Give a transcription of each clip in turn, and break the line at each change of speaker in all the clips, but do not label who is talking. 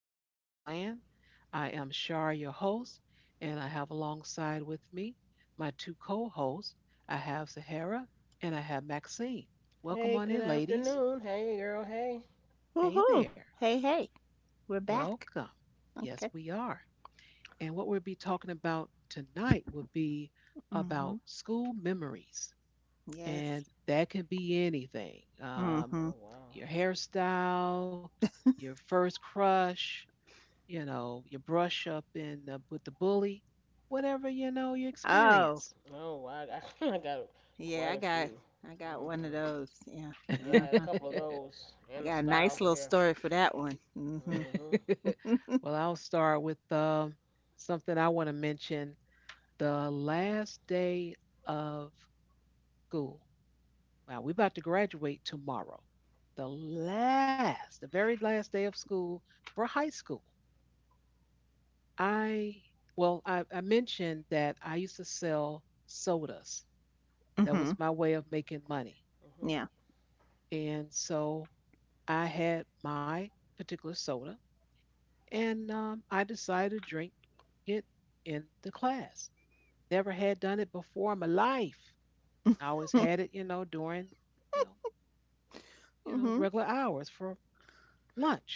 Podcast Land. I am Shar, your host, and I have alongside with me my two co hosts. I have Sahara and I have Maxine. Welcome
Hey,
on
good
in, ladies.
afternoon. Hey, girl. Hey.
Hey
Woohoo!
there.
Hey, hey, we're back.
Welcome. Yes,
Okay.
we are. And what we'll be talking about tonight will be
Mhm.
about school memories,
Yes.
and that can be anything
Oh,
Mhm.
wow.
your hairstyle, your first crush, you know, your brush up in with the bully, whatever you know you
Oh,
experience.
Oh, wow. I got quite
yeah,
a
I got
few.
I got one of
Mhm.
those. Yeah.
Yeah, I had a
Uh-huh.
couple of those,
I
and the
got a nice
styles of
little
hair.
story for that one. Mhm.
Mhm.
Well, I'll start with something I want to mention: the last day of school. Wow, we're about to graduate tomorrow. The very last day of school for high school. I I mentioned that I used to sell sodas. That was
Mhm.
my way of making money.
Mhm.
Yeah.
And so I had my particular soda, and I decided to drink it in the class. Never had done it before in my life. I always had it, you know, during, you know, you know,
Mhm.
regular hours for lunch.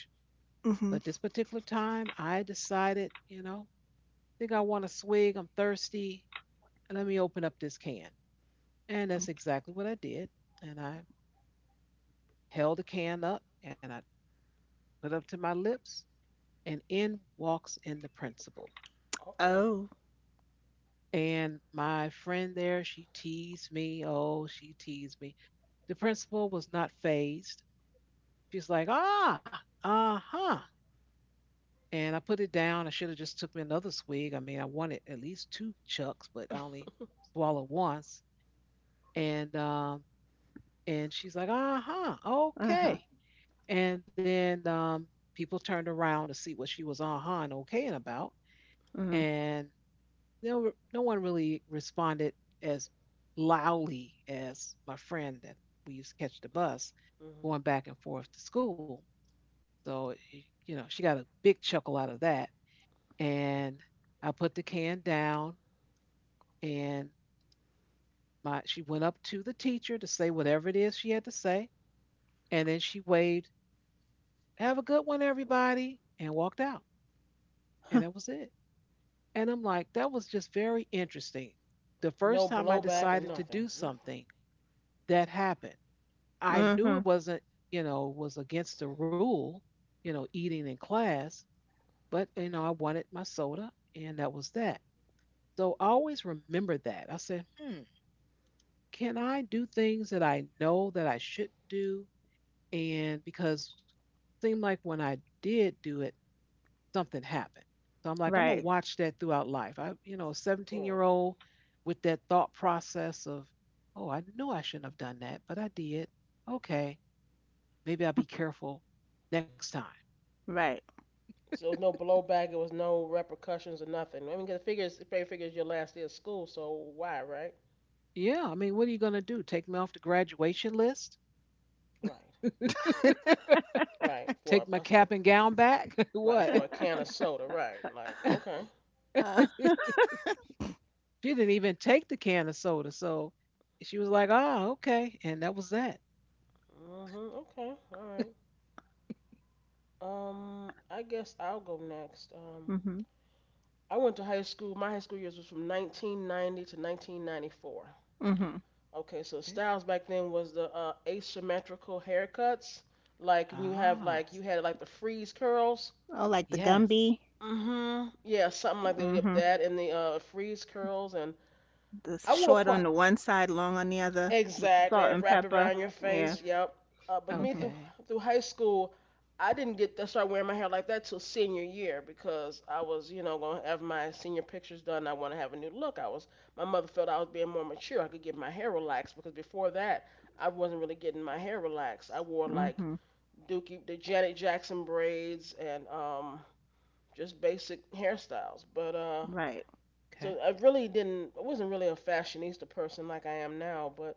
But
Mhm.
this particular time, I decided, you know, I think I want a swig. I'm thirsty, and let me open up this can. And that's exactly what I did. And I held the can up, and I put it up to my lips, and in walks in the principal.
Uh oh.
Oh.
And my friend there, she teased me. Oh, she teased me. The principal was not phased. She's like, ah, uh huh. And I put it down. I should have just took me another swig. I mean, I wanted at least two chucks, but I only swallowed once. And um, and she's like, uh huh,
Uh-huh.
okay. And then people turned around to see what she was uh huh and okaying about.
Mhm.
And no one really responded as loudly as my friend that we used to catch the bus
Mhm.
going back and forth to school. So you know, she got a big chuckle out of that. And I put the can down and my she went up to the teacher to say whatever it is she had to say. And then she waved, have a good one, everybody, and walked out. And that was it. And I'm like, that was just very interesting. The first
No
time I
blowback or
decided to
nothing.
do
Oof.
something, that happened. I knew it
Mhm.
wasn't, you know, was against the rule, you know, eating in class, but you know, I wanted my soda and that was that. So I always remember that. I said, hmm, can I do things that I know that I shouldn't do? And because it seemed like when I did do it, something happened. So I'm like, I'm gonna
Mm.
Right.
watch that throughout life. I, you know, a 17
Right.
year old with that thought process of, oh, I knew I shouldn't have done that, but I did. Okay. Maybe I'll be careful next time.
Right.
So there was no blowback. It was no repercussions or nothing. I mean, 'cause the figures, it probably figures your last day of school. So why, right?
Yeah, I mean, what are you going to do? Take me off the graduation list?
Right. Right. For
Take
a,
my
a s-
cap and gown back?
right, for
What?
a can of soda. Right. Like,
She
okay.
Uh,
didn't even take the can of soda. So she was like, oh, okay. And that was that.
Mhm. Okay. All right. I guess I'll go next.
mhm.
I went to high school. My high school years was from 1990 to 1994.
Mhm.
Okay, so
Okay.
styles back then was the asymmetrical haircuts, like, and you have
Ah,
like you had like the freeze curls.
Oh, like the
yes.
Gumby.
Mhm. Yeah, something like that. Yep,
Mhm.
that and the freeze curls, and
The
I wore
short on
quite
the one side, long on the other. The
exactly, and
salt
it
and
wrapped
pepper.
around your
Yeah.
face. Yeah. Yep. But me
Mhm,
through
Okay.
through high school, I didn't get to start wearing my hair like that till senior year because I was, you know, gonna have my senior pictures done. I want to have a new look. I was. My mother felt I was being more mature. I could get my hair relaxed because before that, I wasn't really getting my hair relaxed. I wore like
mhm,
Dookie, the Janet Jackson braids, and just basic hairstyles. But
right.
Okay.
so I really didn't I wasn't really a fashionista person like I am now, but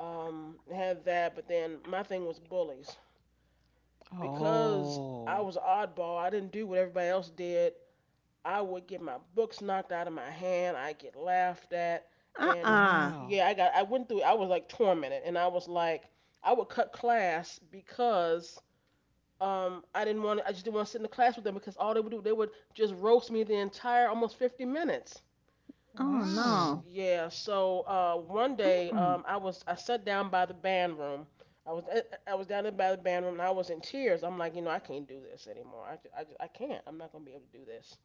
had that, but then my thing was bullies. Because
Oh,
I was an oddball, I didn't do what everybody else did. I would get my books knocked out of my hand, I get laughed at, and
Uh-uh.
wow.
yeah, I went through I was like tormented, and I was like I would cut class because I didn't want I just didn't want to sit in the class with them because all they would do they would just roast me the entire almost 50 minutes.
Oh no.
Wow.
Yeah, so one day
Mm-mm.
um, I was I sat down by the band room. I was I I was down there by the band room, and I was in tears. I'm like, you know, I can't do this anymore. I can't. I'm not gonna be able to do this.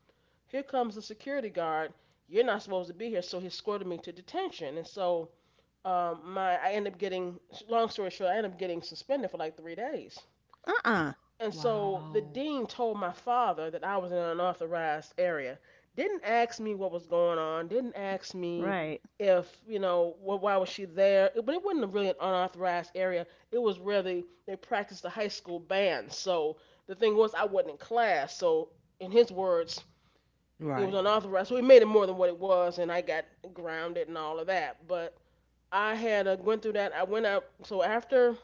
Here comes the security guard. You're not supposed to be here. So he escorted me to detention. And so my I ended up getting, long story short, I ended up getting suspended for like 3 days.
Uh-uh.
And so the
Wow.
dean told my father that I was in an unauthorized area. Didn't ask me what was going on. Didn't ask me
Right.
if you know why was she there. But it wasn't really an unauthorized area. It was really they practiced the high school band. So the thing was I wasn't in class. So in his words, it was
Right.
unauthorized. So he made it more than what it was, and I got grounded and all of that. But I had went through that. I went up. So after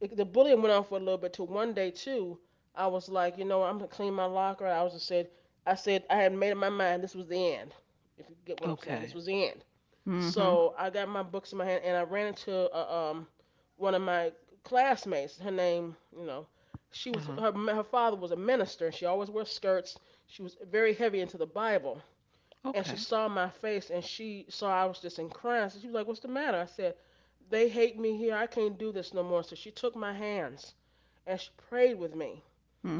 it, the bullying went on for a little bit. Till one day too, I was like, you know, I'm gonna clean my locker. I said I had made up my mind. This was the end. If you get what I'm saying, this
Okay.
was the end.
Mhm,
So I got my books in my hand and I ran into one of my classmates. Her name, you know, she
Uh
was
huh.
her her father was a minister, and she always wore skirts. She was very heavy into the Bible, and she
Okay.
saw my face, and she saw I was just in crying. So she was like, "What's the matter?" I said, "They hate me here. I can't do this no more." So she took my hands and she prayed with me.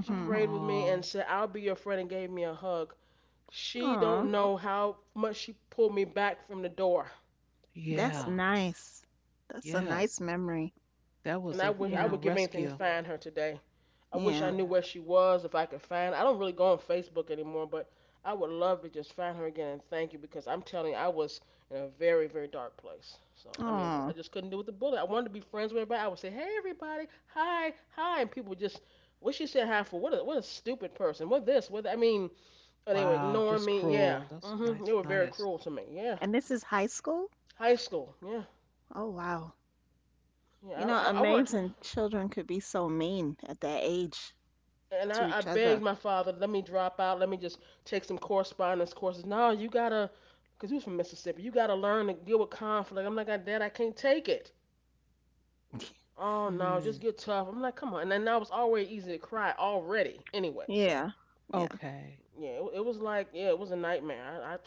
She prayed with me and said, "I'll be your friend," and gave me a hug. She
Aw,
don't know how much she pulled me back from the door.
that's
yeah.
nice. That's a nice
Yes.
memory.
That was
And I
a,
wish
you
I
Yeah,
know,
would give anything to
rescue.
find her today. I wish I
yeah.
knew where she was, if I could find her. I don't really go on Facebook anymore, but I would love to just find her again and thank you because I'm telling you, I was in a very, very dark place. So I mean, 'cause I
Oh,
just couldn't do with the bullet. I wanted to be friends with everybody. I would say, "Hey, everybody, hi, hi," and people would just, "What she said hi for? What a stupid person. What this? What that?" I mean? And they were
Wow. Just
ignoring me.
cruel.
Yeah,
That's
mm
nice.
mhm. They were very
Nice.
cruel to me. Yeah,
and this is high school?
high school. Yeah,
Oh wow. You
yeah.
know,
I want.
amazing. Children could be so mean at that age
And I,
to
I
each
begged
other.
my father, let me drop out, let me just take some correspondence courses. No, you gotta, because he was from Mississippi, you gotta learn to deal with conflict. I'm like, Dad, I can't take it. Oh no,
Mm.
just get tough. I'm like, come on. And then I was already easy to cry already, anyway. So
Yeah, yeah.
Okay.
yeah, it was like, yeah, it was a nightmare.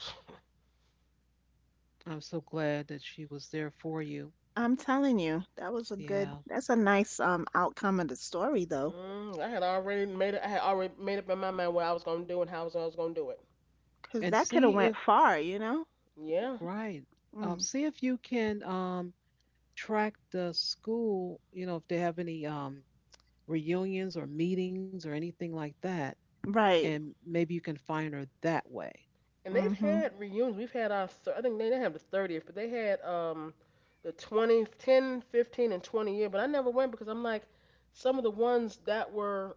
I'm so glad that she was there for you.
I'm telling you, that was a good.
Yeah.
That's a nice outcome of the story though,
I had already made it. I had already made up in my mind what I was gonna do and how I was gonna do it.
And
because that could
see
have
if,
went far.
Yeah.
right.
Mm.
See if you can track the school, you know, if they have any reunions or meetings or anything like that.
Right.
And maybe you can find her that way.
And they've
Mhm.
had reunions. We've had our I think they didn't have the 30th, but they had the 20, 10, 15, and 20 year. But I never went because I'm like, some of the ones that were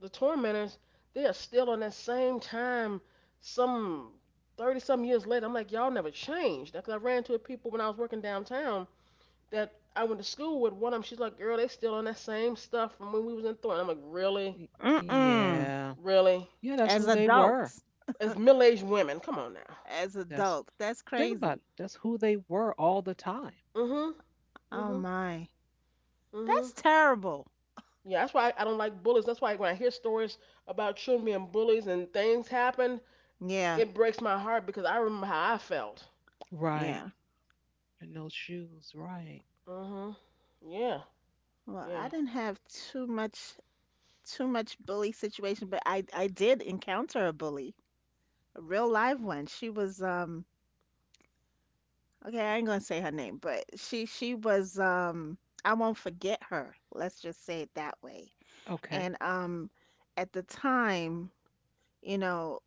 the tormentors, they are still on that same time. Some 30 some years later, I'm like, y'all never changed. Because I ran into people when I was working downtown that I went to school with. One of them, she's like, "Girl, they still on that same stuff from when we was in Thornton." I'm like, "Really,
Mm-mm.
Yeah.
really?"
Yeah. That's who
As
they were.
adults.
As middle aged women, come on now.
As
That's
adults. That's
Think about it.
crazy.
That's who they were all the time.
mm Mhm, mm
Oh
mhm,
my.
mm mhm.
That's terrible.
Yeah, that's why I don't like bullies. That's why when I hear stories about children being bullies and things happen,
Yeah.
it breaks my heart because I remember how I felt.
Right.
Yeah.
And no shoes. Right.
Mhm. Yeah.
Well,
Yeah.
I didn't have too much bully situation, but I did encounter a bully, a real live one. She was Okay, I ain't gonna say her name, but she was I won't forget her. Let's just say it that way. And
Okay.
at the time, you know,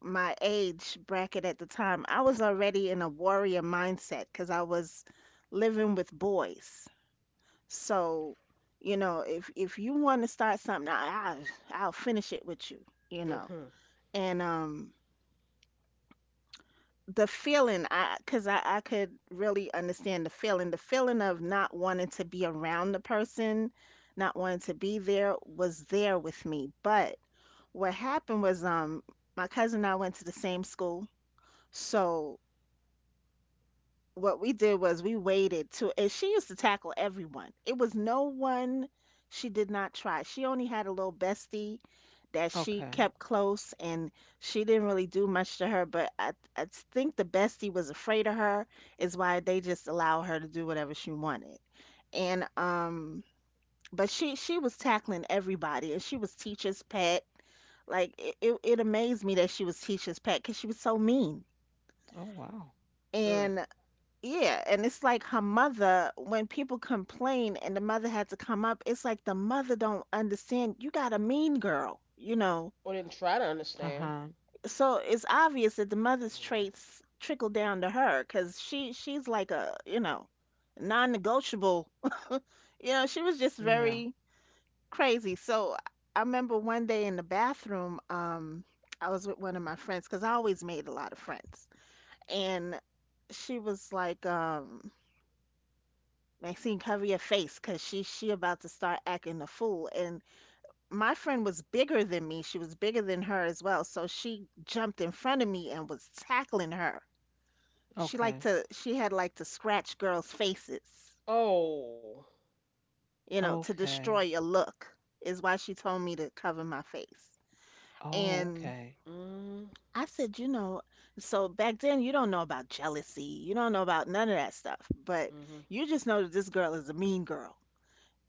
my age bracket at the time, I was already in a warrior mindset because I was living with boys. So, if you want to start something, I'll finish it with you, you know.
Mhm.
And the feeling, I because I could really understand the feeling, of not wanting to be around the person, not wanting to be there was there with me. But what happened was my cousin and I went to the same school, so what we did was we waited to and she used to tackle everyone. It was no one she did not try. She only had a little bestie that she
Okay.
kept close, and she didn't really do much to her. But I think the bestie was afraid of her is why they just allow her to do whatever she wanted. And but she was tackling everybody and she was teacher's pet. Like it amazed me that she was teacher's pet because she was so mean.
Oh, wow.
Mm.
And yeah, and it's like her mother, when people complain and the mother had to come up, it's like the mother don't understand. You got a mean girl, you know.
Or didn't try to
Uh
understand.
huh.
So it's obvious that the mother's
Yeah.
traits trickle down to her, because she's like a, non-negotiable. You know, she was just
Yeah.
very crazy. So I remember one day in the bathroom, I was with one of my friends, because I always made a lot of friends, and she was like, Maxine, cover your face, cause she about to start acting a fool. And my friend was bigger than me. She was bigger than her as well. So she jumped in front of me and was tackling her.
Okay.
She had like to scratch girls' faces,
Oh.
you know, to
Okay.
destroy a look is why she told me to cover my face.
Oh,
And
okay.
Mhm.
I said, so back then you don't know about jealousy. You don't know about none of that stuff. But
Mhm.
you just know that this girl is a mean girl.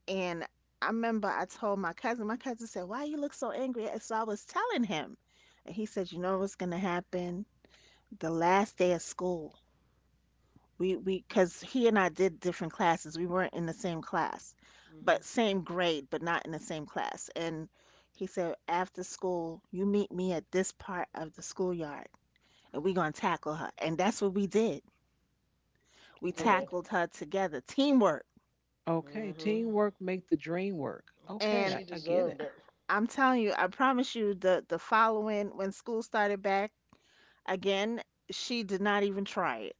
And I remember I told my cousin. My cousin said, "Why you look so angry?" And so I was telling him. And he said, "You know what's gonna happen? The last day of school. We Because he and I did different classes. We weren't in the same class,
Mhm.
but same grade, but not in the same class." And he said, "After school, you meet me at this part of the schoolyard and we gonna tackle her." And that's what we did. We
Oh,
Good.
tackled her together. Teamwork.
okay.
Mhm.
Teamwork make the dream work. Okay.
And
I,
She
I get
deserved
it.
it.
I'm telling you, I promise you the following, when school started back again, she did not even try it.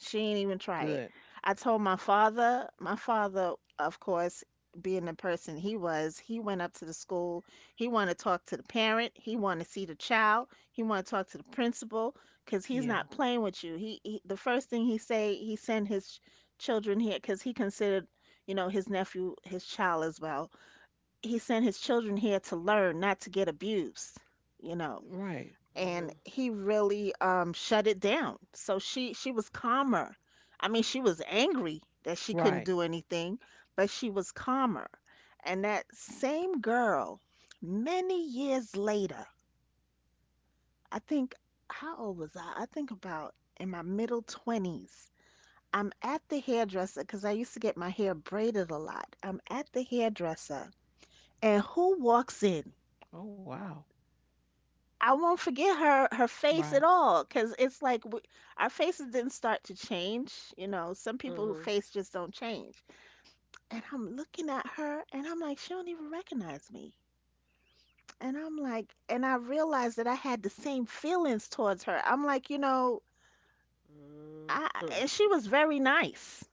She ain't even try it.
Good.
I told my father. My father, of course, being the person he was, he went up to the school. He wanted to talk to the parent. He wanted to see the child. He wanted to talk to the principal because he's
Yeah.
not playing with you. He The first thing he say, he sent his children here because he considered, you know, his nephew his child as well. He sent his children here to learn, not to get abused, you know.
Right.
Mhm.
And he really shut it down. So she was calmer. I mean, she was angry that she couldn't
Right.
do anything, but she was calmer. And that same girl, many years later, I think, how old was I? I think about in my middle 20s. I'm at the hairdresser, because I used to get my hair braided a lot. I'm at the hairdresser, and who walks in?
Oh, wow.
I won't forget her her face
Right.
at all, because it's like our faces didn't start to change. You know, some people's
Mhm.
face just don't change. And I'm looking at her and I'm like, she don't even recognize me. And I'm like, and I realized that I had the same feelings towards her. I'm like, you know, I
Mhm.
and she was very nice.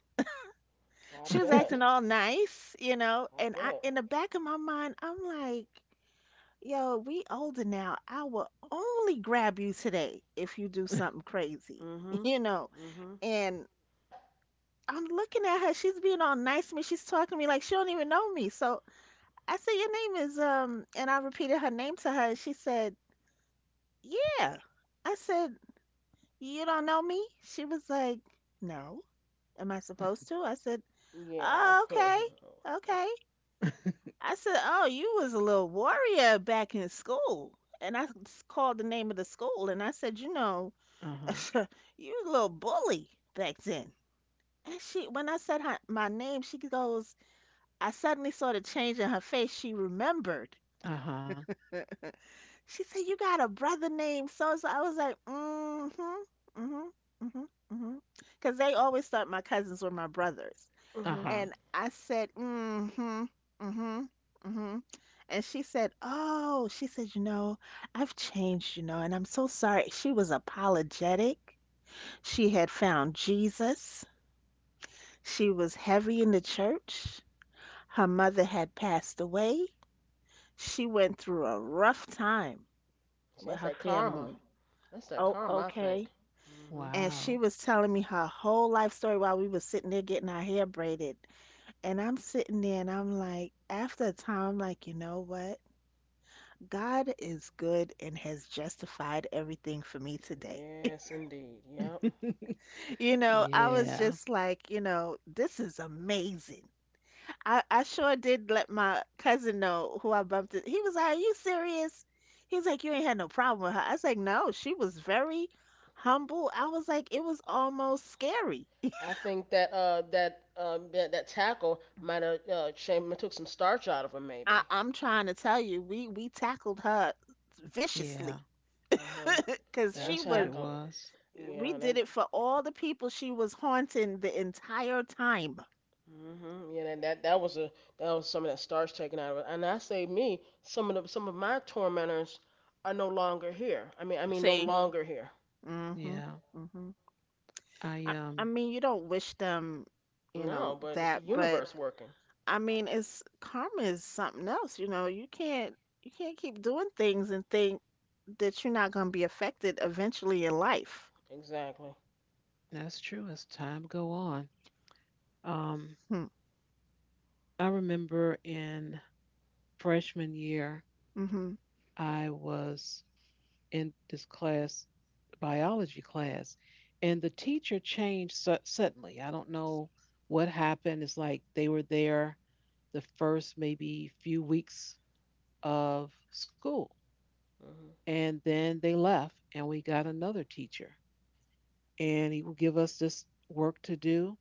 I
She was
uh
bet.
acting all nice, you know,
I
and I
bet.
in the back of my mind, I'm like. Yo, we older now. I will only grab you today if you do something crazy,
Mhm.
you know.
Mhm.
And I'm looking at her. She's being all nice to me. She's talking to me like she don't even know me. So I said, "Your name is and I repeated her name to her. And she said, "Yeah." I said, "You don't know me?" She was like, "No. Am I supposed to?" I said,
Yeah.
"Oh, okay, okay." I said, "Oh, you was a little warrior back in school." And I called the name of the school and I said, "You know."
huh.
You a little bully back then." And she, when I said my name, she goes, I suddenly saw the change in her face. She remembered.
Uh huh.
She said, "You got a brother named so and so?" I was like, "Mm hmm, mm hmm, mm hmm, mm hmm." Because they always thought my cousins were my brothers.
Uh
Mhm.
huh.
And I said, "Mm hmm, mm hmm. Mm-hmm." And she said, "Oh," she said, "you know, I've changed, you know, and I'm so sorry." She was apologetic. She had found Jesus. She was heavy in the church. Her mother had passed away. She went through a rough time
See,
with
that's
her
that karma.
family.
That's that
Oh,
karma, I think.
okay.
Hmm.
And she
Wow.
was telling me her whole life story while we were sitting there getting our hair braided. And I'm sitting there and I'm like, after a time, I'm like, you know what? God is good and has justified everything for me today.
Yes, indeed. Yep.
You know, I was
yeah.
just like, you know, this is amazing. I sure did let my cousin know who I bumped it. He was like, "Are you serious?" He was like, "You ain't had no problem with her." I was like, "No, she was very humble." I was like, "It was almost scary.
I think that that tackle might have changed, took some starch out of him
I,
maybe.
I'm trying to tell you, we tackled her
Yeah.
viciously,"
Uh huh.
because
Yeah,
That's what it
tackle.
was.
we
Yeah, that.
did it for all the people she was haunting the entire time.
Mhm. Yeah, that was some of that starch taken out of it. And I say me, some of my tormentors are no longer here. I mean, no
See?
longer here.
Mm hmm.
Yeah,
Mm hmm.
I
I mean, you don't wish them, you
No,
know,
but it's the
that, but
universe working.
I mean, it's karma is something else, you know. You can't keep doing things and think that you're not going to be affected eventually in life.
Exactly.
that's true as time go on. Um
Hmm.
I remember in freshman year
Mm-hmm.
I was in this class, biology class, and the teacher suddenly. I don't know what happened. It's like they were there the first maybe few weeks of school
Mhm.
and then they left and we got another teacher and he would give us this work to do.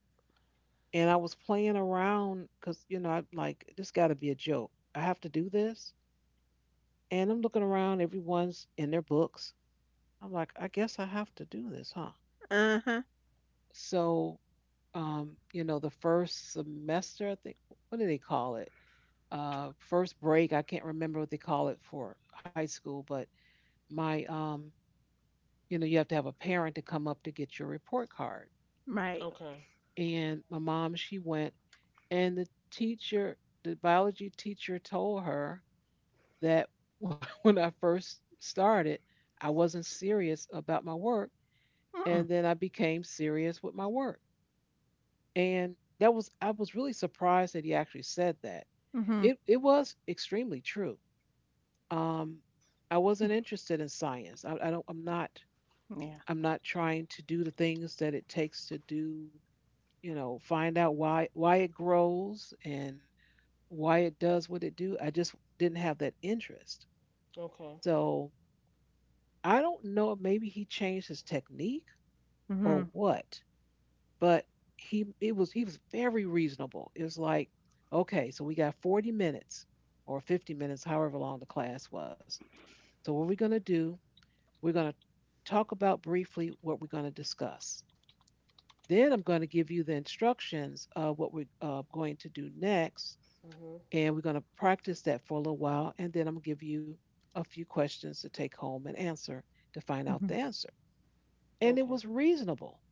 And I was playing around because, you know, I'm like, this got to be a joke. I have to do this. And I'm looking around, everyone's in their books. I'm like, I guess I have to do this, huh?
Uh-huh.
So, you know, the first semester, I think, what do they call it? First break, I can't remember what they call it for high school, but my, you know, you have to have a parent to come up to get your report card.
Right.
Okay.
And my mom, she went, and the teacher, the biology teacher told her that when I first started, I wasn't serious about my work,
Mm-mm.
and then I became serious with my work. And that was I was really surprised that he actually said that.
Mm-hmm.
It was extremely true. Um, I wasn't interested in science. I don't. I'm not.
Yeah.
I'm not trying to do the things that it takes to do. You know, find out why it grows and why it does what it do. I just didn't have that interest.
Okay.
So I don't know if maybe he changed his technique
Mm-hmm.
or what, but he was very reasonable. It was like, okay, so we got 40 minutes or 50 minutes, however long the class was. So what we're gonna do, we're gonna talk about briefly what we're gonna discuss. Then I'm gonna give you the instructions of what we're going to do next,
Mhm.
and we're gonna practice that for a little while, and then I'm gonna give you a few questions to take home and answer to find out
Mm-hmm.
the answer. And it
Okay.
was reasonable.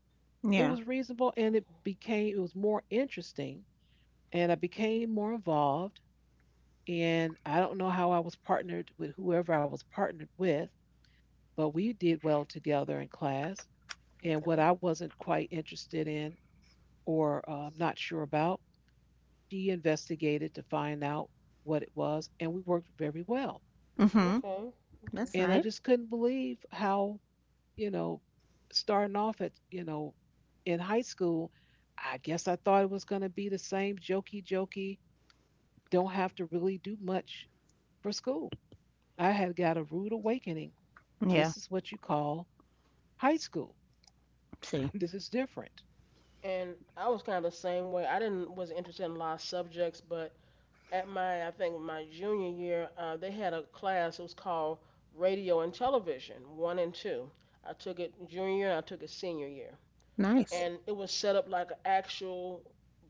It
Yeah.
was reasonable and It
Okay.
became it was more interesting and I became more involved and I don't know how I was partnered with whoever I was partnered with, but we did well together in class. And what
Okay.
I wasn't quite interested in or not sure about, she investigated to find out what it was and we worked very well.
Mm-hmm.
Okay. Okay.
That's
And I
nice.
just couldn't believe how you know, starting off at, you know, in high school, I guess I thought it was going to be the same jokey jokey, don't have to really do much for school. I had got a rude awakening.
Yeah.
This is what you call high school.
See.
This is different.
And I was kind of the same way. I didn't was interested in a lot of subjects, but at my I think my junior year, they had a class. It was called Radio and Television one and two. I took it junior year and I took it senior year,
Nice.
and it was set up like an actual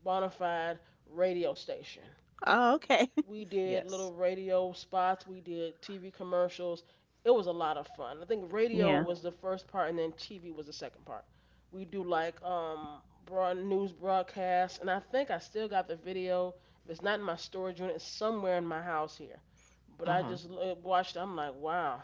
bona fide radio station.
Oh, okay.
We did little
Yes.
radio spots. We did TV commercials. It was a lot of fun. I think radio
Yeah.
was the first part, and then TV was the second part. We do like broad news broadcasts, and I think I still got the video. If it's not in my storage unit, it's somewhere in my house here. But I
Uh
just watched. I'm like, wow.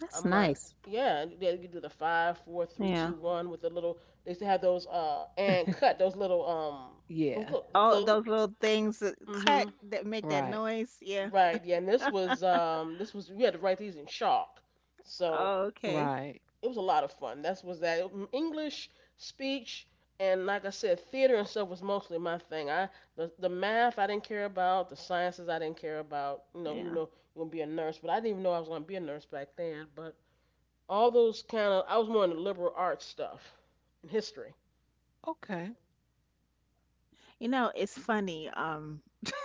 That's
I'm like,
nice.
yeah. They could do the five, four, three,
Yeah.
two, one with the little. They used to have those and
huh.
cut those little, those
Yeah.
little.
Oh,
The,
those little things that cut
mm-hmm.
that make that
Right.
noise. Yeah.
Right, yeah, and this was we had to write these in chalk. So
Oh, okay.
Right.
it was a lot of fun. That's was that. Mm, English, speech, and like I said, theater and stuff was mostly my thing. I the math I didn't care about, the sciences I didn't care about, you know, even
Yeah.
though you gonna be a nurse, but I didn't even know I was gonna be a nurse back then. But all those kind of I was more into liberal arts stuff and history.
Okay.
You know, it's funny.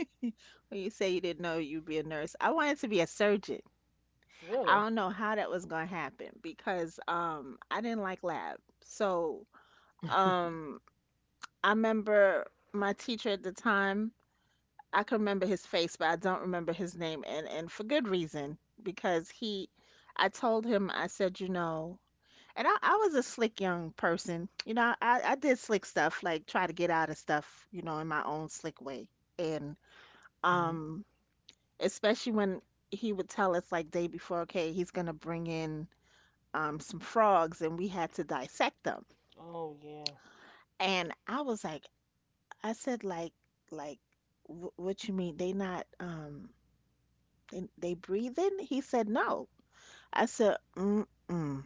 When you say you didn't know you'd be a nurse, I wanted to be a surgeon. I
Really?
don't know how that was going to happen because I didn't like lab. So, um I remember my teacher at the time. I can remember his face, but I don't remember his name, and for good reason, because he I told him. I said, and I was a slick young person. You know, I did slick stuff, like try to get out of stuff, in my own slick way. And
uh,
um especially when he would tell us, like, day before, okay, he's gonna bring in some frogs and we had to dissect them.
Oh yeah.
And I was like, I said, like what you mean they not they breathing? He said no. I said mm mm.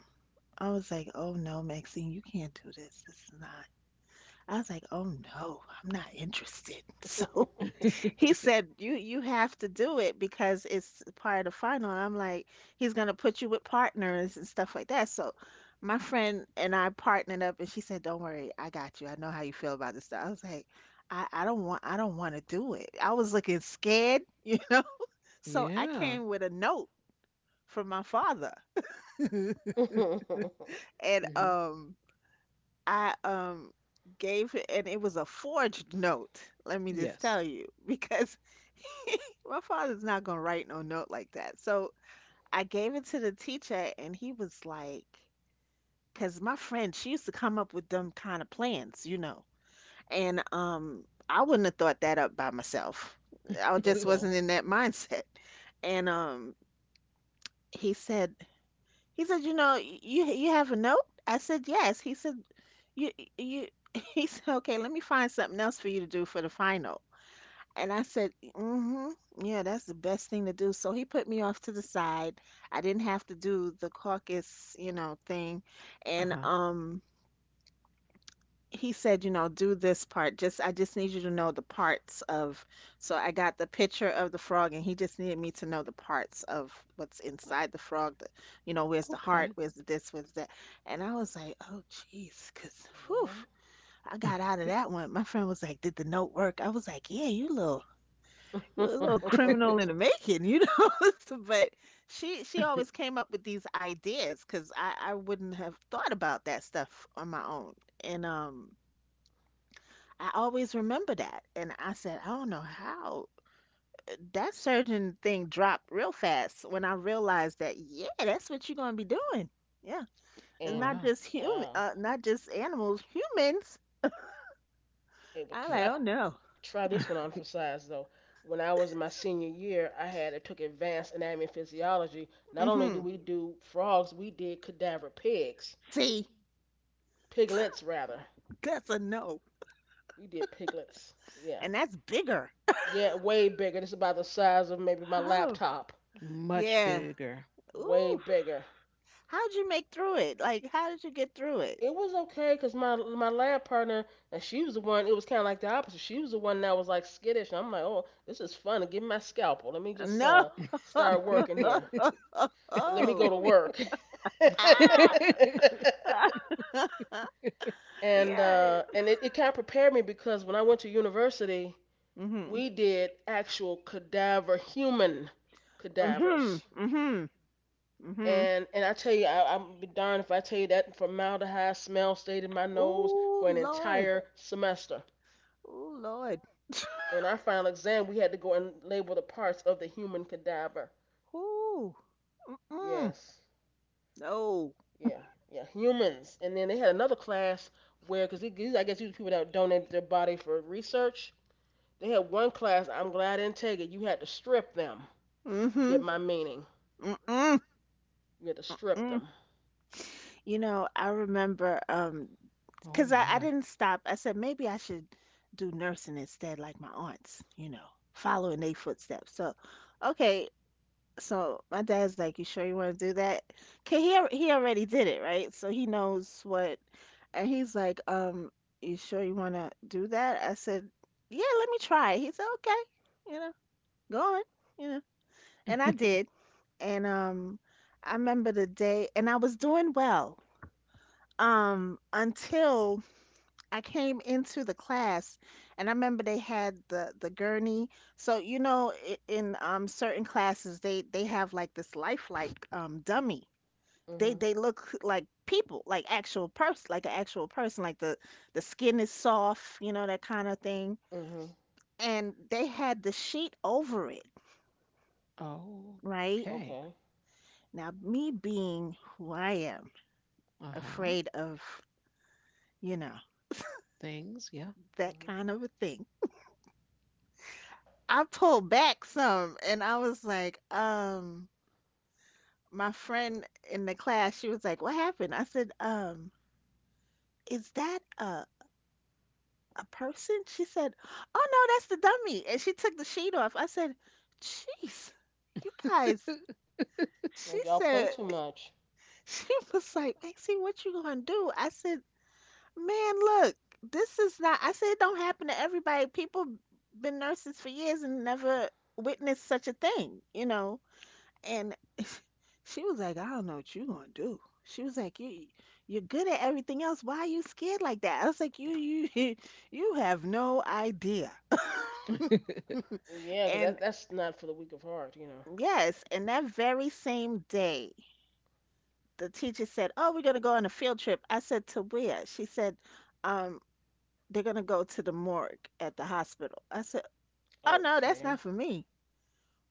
I was like, oh no, Maxine, you can't do this. This is not. I was like, oh no, I'm not interested. So he said, You have to do it because it's part of the final." And I'm like, "He's gonna put you with partners and stuff like that." So my friend and I partnered up, and she said, "Don't worry, I got you. I know how you feel about this stuff." I was like, I don't want to do it." I was looking scared, So I
yeah.
came with a note from my father, and
Hmm.
um I gave it, and it was a forged note. Let me just tell
Yes.
you because my father's not gonna write no note like that. So I gave it to the teacher, and he was like, because my friend, she used to come up with them kind of plans, And I wouldn't have thought that up by myself. I just
Okay.
wasn't in that mindset. And he said, he said, you you have a note? I said, yes. He said, you you. He said, okay, let me find something else for you to do for the final. And I said, mm-hmm, yeah, that's the best thing to do. So he put me off to the side. I didn't have to do the caucus, thing.
Uh
And
huh.
he said, do this part. Just I just need you to know the parts of so I got the picture of the frog and he just needed me to know the parts of what's inside the frog, the, where's the
Okay.
heart, where's the this, where's that. And I was like, oh jeez, 'cause whew, I got out of that one. My friend was like, did the note work? I was like, yeah, you little
Right?
you're a little criminal in the making, So, but she always came up with these ideas because I wouldn't have thought about that stuff on my own, and I always remember that, and I said I don't know how that surgeon thing dropped real fast when I realized that yeah that's what you're gonna be doing yeah it's
And
not
wow.
just human
wow,
not just animals humans
it would
I like
try
Yeah.
oh no.
try this one on for size though. When I was in my senior year, I took advanced anatomy and physiology. Not only do
Mm-hmm,
we do frogs, we did cadaver pigs,
see,
piglets rather.
that's a no,
We did piglets. Yeah,
and that's bigger.
yeah, way bigger. This is about the size of maybe my
Oh.
laptop.
Much
Yeah.
bigger.
Way
Ooh,
bigger.
how'd you make through it? Like, how did you get through it?
It was okay because my lab partner, and she was the one. It was kind of like the opposite. She was the one that was like skittish. I'm like, oh, this is fun. Give me my scalpel. Let me just
No.
start working here. Let me go
Oh.
to work.
Ah. Yeah.
And it kind of prepared me because when I went to university,
Mhm.
we did actual cadaver, human
Mhm.
cadavers.
Mhm. Mhm.
And I tell you, I'm be darned if I tell you that formaldehyde smell stayed in my nose
Oh,
for an
Lord.
entire semester.
Oh, Lord.
In our final exam, we had to go and label the parts of the human cadaver.
Ooh. Mm.
Yes.
No.
Yeah, yeah, humans. And then they had another class where, because these, I guess, these people that donated their body for research, they had one class. I'm glad I didn't take it. You had to strip them. If you get
Mhm.
my meaning,
Mm-mm.
you had to strip
Mm.
them.
I remember
oh
because I
my.
didn't stop. I said maybe I should do nursing instead, like my aunts, following their footsteps. So, okay. So my dad's like, "You sure you want to do that?" 'Kay, he already did it, right? So he knows what. And he's like, you sure you want to do that?" I said, "Yeah, let me try." it." He said, "Okay, you know, go on, you know." And I did. And I remember the day, and I was doing well. Until I came into the class and I remember they had the gurney. So in certain classes they have like this lifelike dummy. They
Mhm.
they look like people, like actual person, like an actual person, like the skin is soft, that kind of thing.
Mhm.
And they had the sheet over it,
Oh,
right?
okay.
Okay.
Now me being who I am,
Uh-huh.
afraid of, you know,
Things, yeah.
that
Mhm.
kind of a thing. I pulled back some and I was like, my friend in the class, she was like, "What happened?" I said, is that a person?" She said, "Oh no, that's the dummy." And she took the sheet off. I said, "Jeez, you guys." She
Like y'all play
said,
too much.
she was like, "Maxie, what you gonna do?" I said, "Man, look, this is not." I said, "It don't happen to everybody. People been nurses for years and never witnessed such a thing, And she was like, I don't know what you gonna do. She was like, you you're good at everything else. Why are you scared like that? I was like, you you have no idea.
Yeah, 'cause
And
that's not for the weak of heart,
yes, and that very same day, the teacher said, "Oh, we're gonna go on a field trip." I said, "To where?" She said, "Um, they're gonna go to the morgue at the hospital." I said, "Oh no, that's
Okay.
not for me.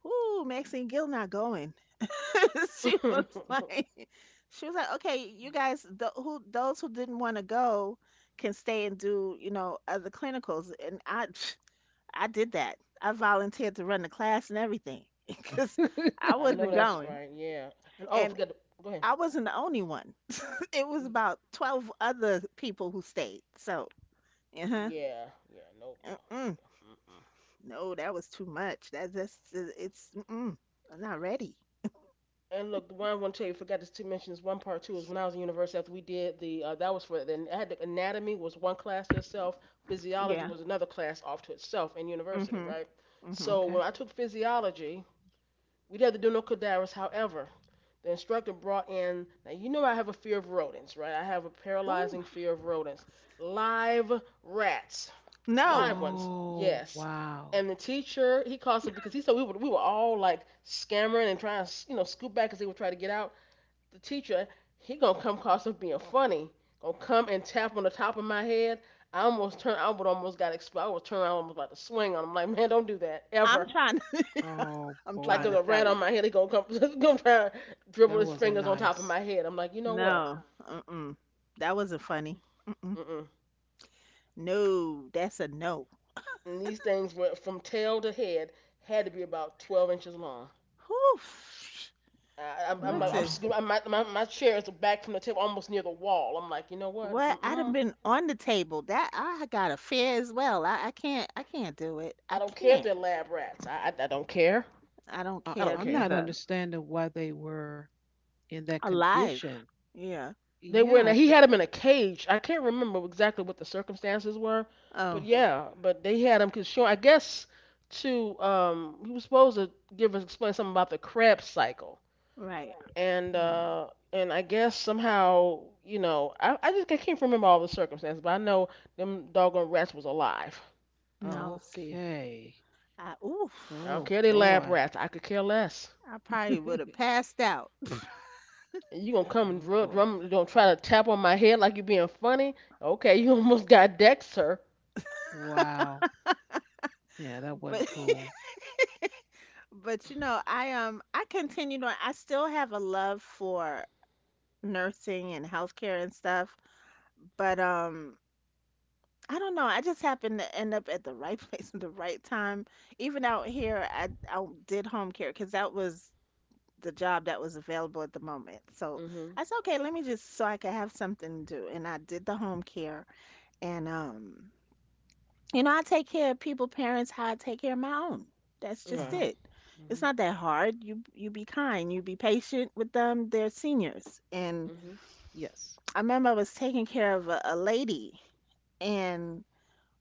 Ooh, Maxine Gill not going." She was like, she was like, okay, you guys, the, who those who didn't want to go can stay and do, other clinicals. And I, I did that. I volunteered to run the class and everything because I
I know
wasn't
that's
going,
right. Yeah. And oh,
and
forget. To, go ahead.
I wasn't the only one. It was about 12 other people who stayed. So, uh huh,
Yeah. Yeah. Nope. No.
mm
Yeah.
no, that was too much. That that's it's, mm-mm, I'm not ready.
And look, the one I want to tell you, forgot to mention is one part two is when I was in university after we did the that was for then I had the anatomy was one class to itself, physiology
Yeah.
was another class off to itself in university,
Mhm.
right?
Mhm.
So when
okay.
I took physiology, we didn't have to do no cadavers. However, the instructor brought in, now you know I have a fear of rodents, right? I have a
Ooh.
paralyzing fear of rodents, live rats, live
No,
ones,
Oh,
yes.
wow.
And the teacher, he calls it because he said we were all like scammering and trying to, scoop back because they would try to get out. The teacher, he gonna come across as being funny, gonna come and tap on the top of my head. I almost turned, I would almost got exploded. I was turning, I almost about to swing on him. Like, man, don't do that ever.
I'm trying.
Oh
I'm
Like,
trying
there's
to
boy.
a
tell
rat on
you.
my head. He gonna come, gonna try to
That
dribble his
wasn't
fingers on top of
nice.
my head. I'm like, you know what?
No, mm-mm. That wasn't funny. Mm-mm.
Mm-mm.
No, that's a no.
And these things were from tail to head had to be about 12 inches long.
Whew.
I, I'm like,
Wow.
Listen,
I'm my, chair is back from the table, almost near the wall. I'm like, you know what?
what I'd have
Mm-mm.
been on the table. That I got a fear as well. I can't do it.
I
I
don't care if
can't.
they're lab rats. I don't care.
I don't
I
care
don't
I'm
care.
not
either.
understanding why they were in that condition.
Alive. Yeah.
They were
Yeah.
in. A, he had him in a cage. I can't remember exactly what the circumstances were, but
Oh,
yeah, but they had him because Sean, I guess to he was supposed to give us explain something about the Krebs cycle
right.
and
Hmm.
uh and I guess somehow, I just I can't remember all the circumstances, but I know them doggone rats was alive.
No, see.
Okay.
I
I don't
oof.
Oh
care they lab
boy.
rats, I could care less,
I probably would have passed out.
and you gonna come and
Oh
drum
boy.
drum, don't try to tap on my head like you being funny. Okay, you almost got decked, sir.
Wow. Yeah, that wasn't
But
cool.
but I continued on. I still have a love for nursing and healthcare and stuff. But I don't know. I just happened to end up at the right place at the right time. Even out here, I did home care because that was the job that was available at the moment. So
Mhm.
I said, okay, let me just so I could have something to do. And I did the home care. And I take care of people, parents, how I take care of my own. That's
Uh
just
Right.
huh.
it. It's
Mhm.
not that hard. You be kind. You be patient with them. They're seniors, and
Mhm.
Yes.
I remember I was taking care of a lady, and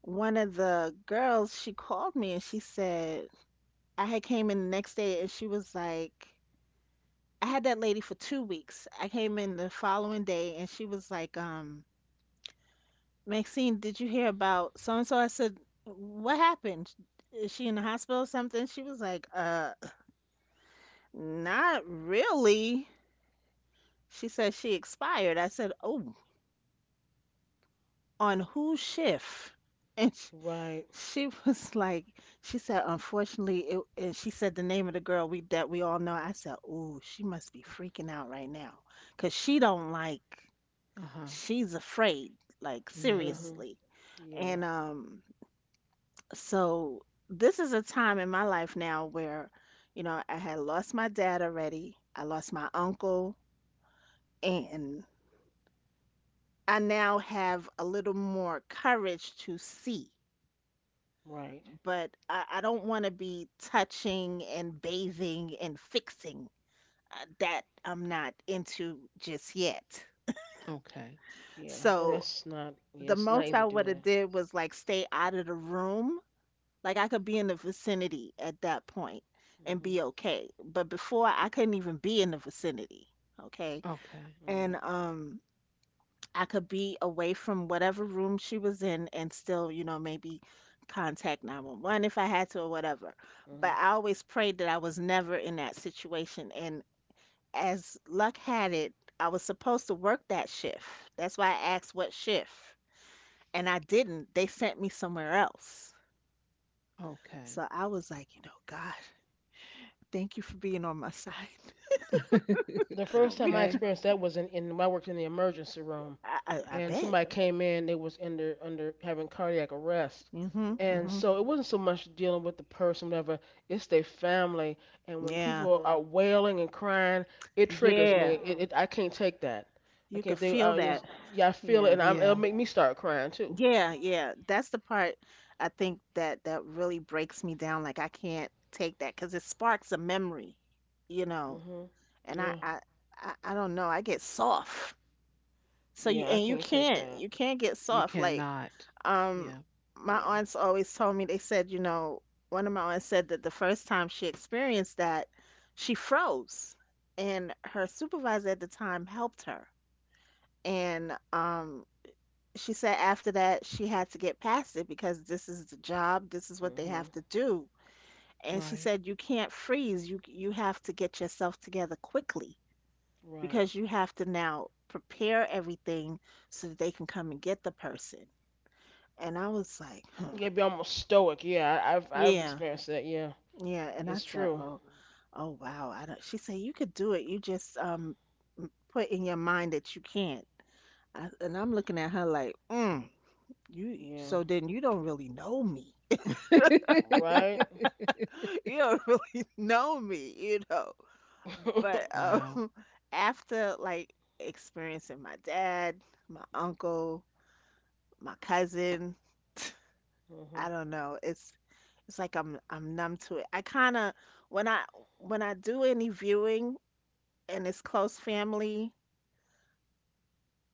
one of the girls, she called me and she said, I had came in the next day and she was like, I had that lady for 2 weeks. I came in the following day and she was like, Maxine, did you hear about so and so? I said, what happened? Is she in the hospital or something? She was like, uh, not really. She said she expired. I said, oh, on whose shift? And she,
Right.
She was like, she said, unfortunately, it, and she said the name of the girl we that we all know. I said, ooh, she must be freaking out right now, 'cause she don't like,
Uh huh.
she's afraid, like
Yeah.
Mhm.
seriously.
Yeah.
And so this is a time in my life now where, I had lost my dad already. I lost my uncle, and I now have a little more courage to see.
Right.
But I don't want to be touching and bathing and fixing. That I'm not into just yet.
Okay.
Yeah. And
So
that's not.
the
Yeah. It's not
most I
easy to
would
do
have
that.
did was like stay out of the room. Like I could be in the vicinity at that point and be
Mhm.
okay. But before I couldn't even be in the vicinity. Okay.
Okay.
And
Right.
I could be away from whatever room she was in and still, maybe contact 911 if I had to or whatever. But
Mhm.
I always prayed that I was never in that situation. And as luck had it, I was supposed to work that shift. That's why I asked what shift. And I didn't. They sent me somewhere else.
Okay.
So I was like, God, thank you for being on my side.
The first time I
okay.
Because
experienced that was in when I worked in the emergency room,
I
and
bet.
somebody came in. They was under under having cardiac arrest,
Hmm.
and
Hmm.
so it wasn't so much dealing with the person, whatever. It's their family, and when
Yeah.
people are wailing and crying, it triggers me.
Yeah.
It I can't take that. I
You
can't. If
could
they,
feel
I just
that.
yeah, I feel it,
Yeah.
and I'm, it'll
Yeah.
make me start crying too.
Yeah, yeah. That's the part I think that really breaks me down. Like I can't take that because it sparks a memory, you know.
Mhm.
And I,
Yeah.
I, I, I don't know. I get soft. So you
Yeah, I
and
can't take that.
you can't get
You
soft. Like
cannot.
um,
Yeah.
my
Yeah.
aunts always told me. They said, one of my aunts said that the first time she experienced that, she froze, and her supervisor at the time helped her. And she said after that she had to get past it because this is the job, this is what they
Mhm.
have to do. And she
Right.
said you can't freeze. You have to get yourself together quickly
Right.
because you have to now prepare everything so that they can come and get the person. And I was like, huh,
You gotta be almost stoic. Yeah, I've
yeah,
experienced that. Yeah,
yeah. And I
it's
said,
true.
oh, oh wow. I don't. She said you could do it. You just put in your mind that you can't. I, and I'm looking at her like, mm, you.
Yeah.
So then you don't really know me,
Right.
you don't really know me, But
Mhm.
wow.
after like experiencing my dad, my uncle, my cousin, I don't know. It's like I'm numb to it. I kind of when I when I do any viewing and it's close family,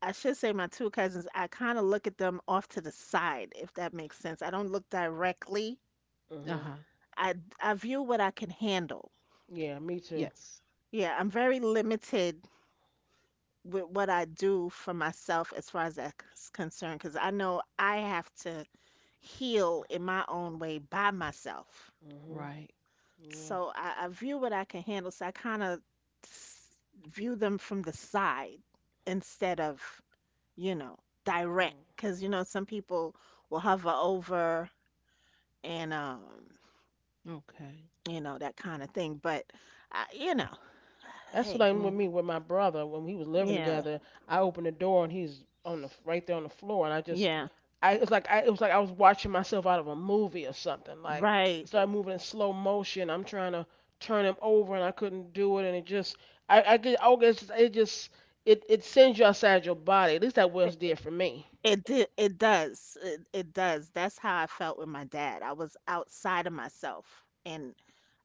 I should say my two cousins, I kind of look at them off to the side if that makes sense. I don't look directly.
Uh
Mhm.
huh.
I I view what I can handle.
Yeah, me too.
Yes.
Yeah, I'm very limited with what I do for myself as far as that's concerned, because I know I have to heal in my own way by myself.
Mhm.
Right.
Yeah.
So I view what I can handle. So I kind of view them from the side instead of, you know, direct.
Mm.
Because, you know, some people will hover over and
Okay.
that kind of thing. But, I, you know,
That's what
hey,
I with
Well,
me with my brother when we was living
yeah,
together. I opened the door and he's on the right there on the floor, and I just,
yeah,
I it was like I it was like I was watching myself out of a movie or something. Like I
right.
started moving in slow motion. I'm trying to turn him over and I couldn't do it, and it just, I guess it just, it sends you outside your body. At least that was did for me.
It did, it does. It does. That's how I felt with my dad. I was outside of myself and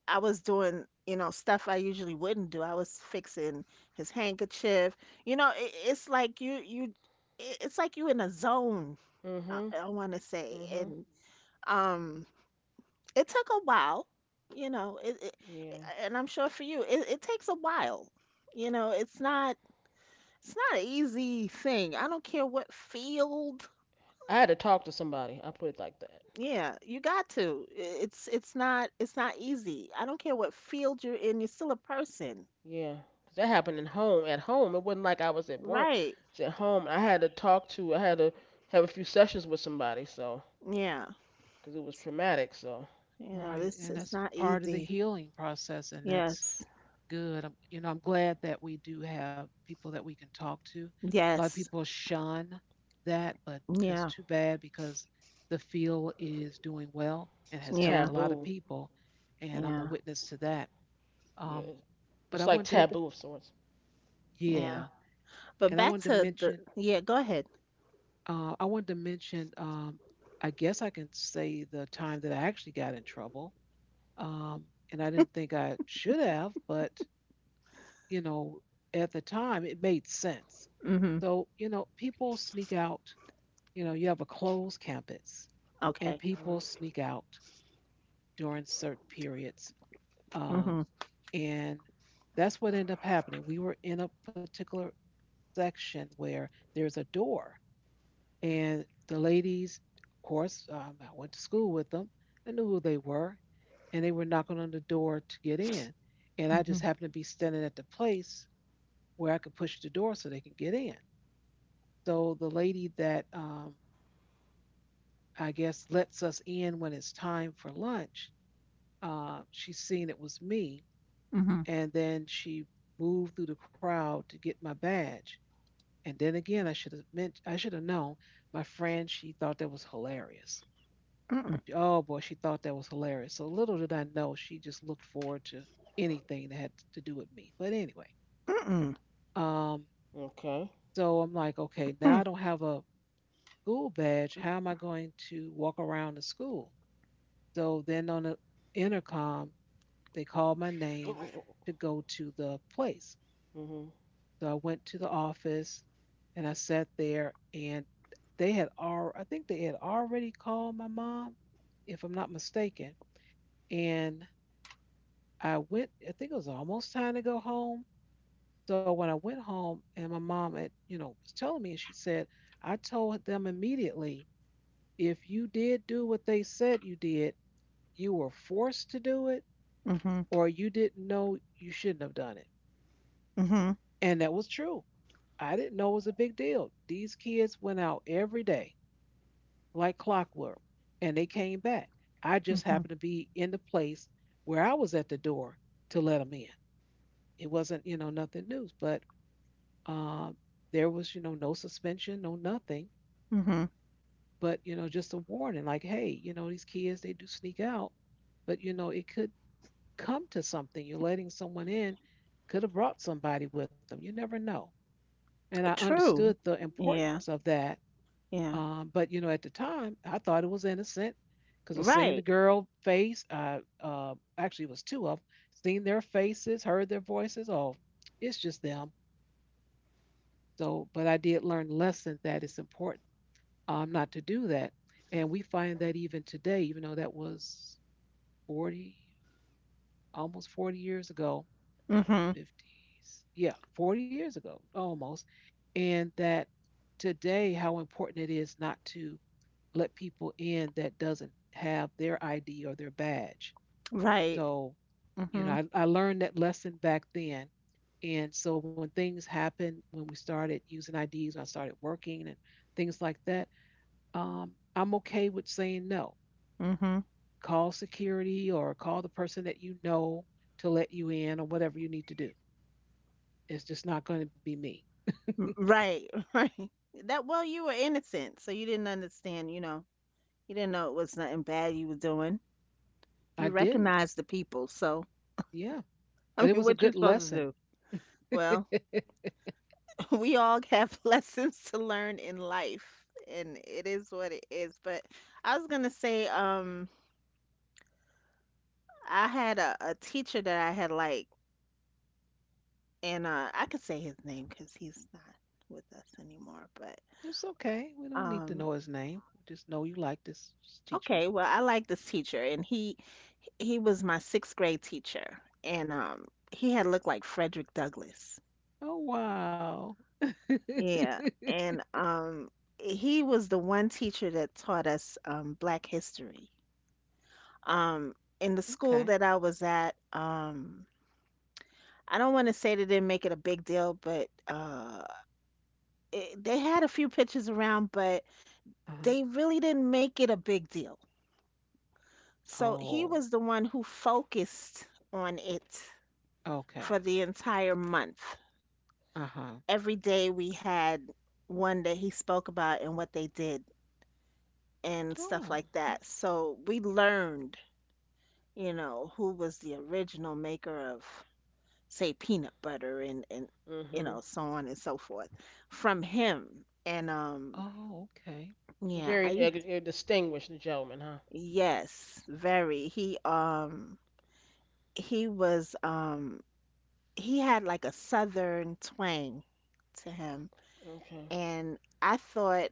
I was doing, you know, stuff I usually wouldn't do. I was fixing his handkerchief. You know, it's like you it's like you in a zone, I,
Mhm.
I want to say.
Mhm.
And um it took a while, you know, it
Yeah.
and I'm sure for you, it takes a while. You know, it's not an easy thing. I don't care what field.
I had to talk to somebody. I put it like that.
Yeah, you got to. It's not it's not easy. I don't care what field you're in, you're still a person.
Yeah, 'cause that happened in home. At home, it wasn't like I was at work.
Right.
It's at home. I had to talk to. I had to have a few sessions with somebody. So,
Yeah.
'cause it was traumatic. So
You know,
right.
this
And
it's
that's
not
part of the
easy.
healing process. And that's
Yes.
Good. I'm, you know, I'm glad that we do have people that we can talk to. A lot of people
Yes.
shun that, but that's
Yeah.
too bad because the field is doing well and
it's a
has helped
Yeah.
a lot of
taboo.
people, and I'm a
Yeah.
witness to that.
Yeah,
Um, but
it's
I
like
wanted to,
taboo of sorts.
yeah,
Yeah.
and I
But
wanted
back
to
to
mention,
the yeah, go ahead.
uh, I wanted to mention, um, I guess I can say the time that I actually got in trouble, um, and I didn't think I should have, but you know, at the time it made sense.
Mhm.
So, you know, people sneak out. You know, you have a closed campus and
Okay.
Mm.
people sneak out during certain periods. Um,
Mhm.
and that's what ended up happening. We were in a particular section where there's a door, and the ladies, of course, I went to school with them. I knew who they were, and they were knocking on the door to get in. And I just
Mhm.
happened to be standing at the place where I could push the door so they could get in. So the lady that I guess, lets us in when it's time for lunch. She seen it was me,
Mhm.
and then she moved through the crowd to get my badge. And then again, I should have known. My friend, she thought that was hilarious.
Mm-mm.
Oh boy, she thought that was hilarious. So little did I know, she just looked forward to anything that had to do with me. But anyway,
Mm-mm.
um,
Okay.
so I'm like, okay, now I
Mm.
don't have a school badge. How am I going to walk around the school? So then on the intercom, they called my name to go to the place.
Mhm.
So I went to the office and I sat there, and I think they had already called my mom, if I'm not mistaken. And I went, I think it was almost time to go home. So when I went home, and my mom had, was telling me, and she said, I told them immediately, if you did do what they said you did, you were forced to do it,
Mhm.
or you didn't know you shouldn't have done it.
Mhm.
And that was true. I didn't know it was a big deal. These kids went out every day like clockwork, and they came back. I just
Mhm.
happened to be in the place where I was at the door to let them in. It wasn't, nothing new. But um, there was, no suspension, no nothing,
Mhm.
but, you know, just a warning like, hey, you know, these kids, they do sneak out, but, you know, it could come to something. You're letting someone in, could have brought somebody with them. You never know. And I understood
True.
the
Yeah.
importance of that.
Yeah.
But you know, at the time, I thought it was innocent because of seeing the
Right.
girl face. I actually it was two of them. Seen their faces, heard their voices. Oh, it's just them. So, but I did learn the lesson that it's important not to do that, and we find that even today, even though that was 40, almost 40 years ago,
Mhm.
fifties, yeah, 40 years ago, almost, and that today how important it is not to let people in that doesn't have their ID or their badge.
Right.
So, you know,
Mhm.
I learned that lesson back then. And so when things happened, when we started using IDs, when I started working and things like that, I'm okay with saying no.
Mhm.
Call security or call the person that you know to let you in or whatever you need to do. It's just not going to be me.
Right, right. That well, you were innocent, so you didn't understand. You know, you didn't know it was nothing bad you were doing.
I
You
didn't.
recognized the people, so
Yeah.
I
But it
mean,
was a
what you
good
supposed to
lesson.
do? Well, we all have lessons to learn in life, and it is what it is. But I was gonna say, I had a teacher that I had like, and I could say his name because he's not with us anymore. But
It's okay. We don't need to
um.
know his name. We just know you like this teacher.
Okay, well, I like this teacher, and he was my sixth grade teacher, and he had looked like Frederick Douglass.
Oh, wow.
Yeah,
Okay.
and he was the one teacher that taught us Black history. In the school that I was at, I don't want to say they didn't make it a big deal, but they had a few pictures around, but
Uh-huh.
they really didn't make it a big deal. So he was
Oh,
the one who focused on it for
okay.
the entire month.
Uh huh.
Every day we had one that he spoke about and what they did and stuff
Oh,
like
okay.
that. So we learned, you know, who was the original maker of, say, peanut butter and you know,
Mhm.
so on and so forth from him. And
Oh, okay.
yeah, I
Very
used
distinguished gentleman, huh?
yes, very. He was he had like a southern twang to him
Okay.
and I thought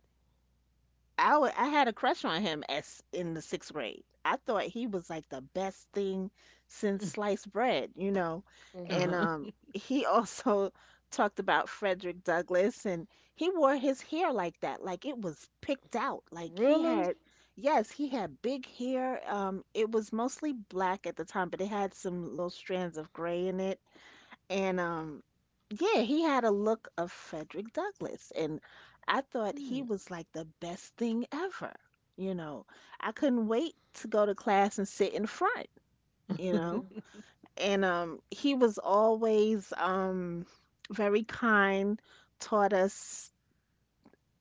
I had a crush on him as in the sixth grade. I thought he was like the best thing since sliced bread, you know.
Uh
Mhm.
And
huh.
he also talked about Frederick Douglass, and he wore his hair like that, like it was picked out. Like he
Really?
had, yes, he had big hair. It was mostly black at the time, but it had some little strands of gray in it. And yeah, he had a look of Frederick Douglass, and I thought he
Hmm.
was like the best thing ever. You know, I couldn't wait to go to class and sit in front, you know.
Mhm.
And he was always very kind, taught us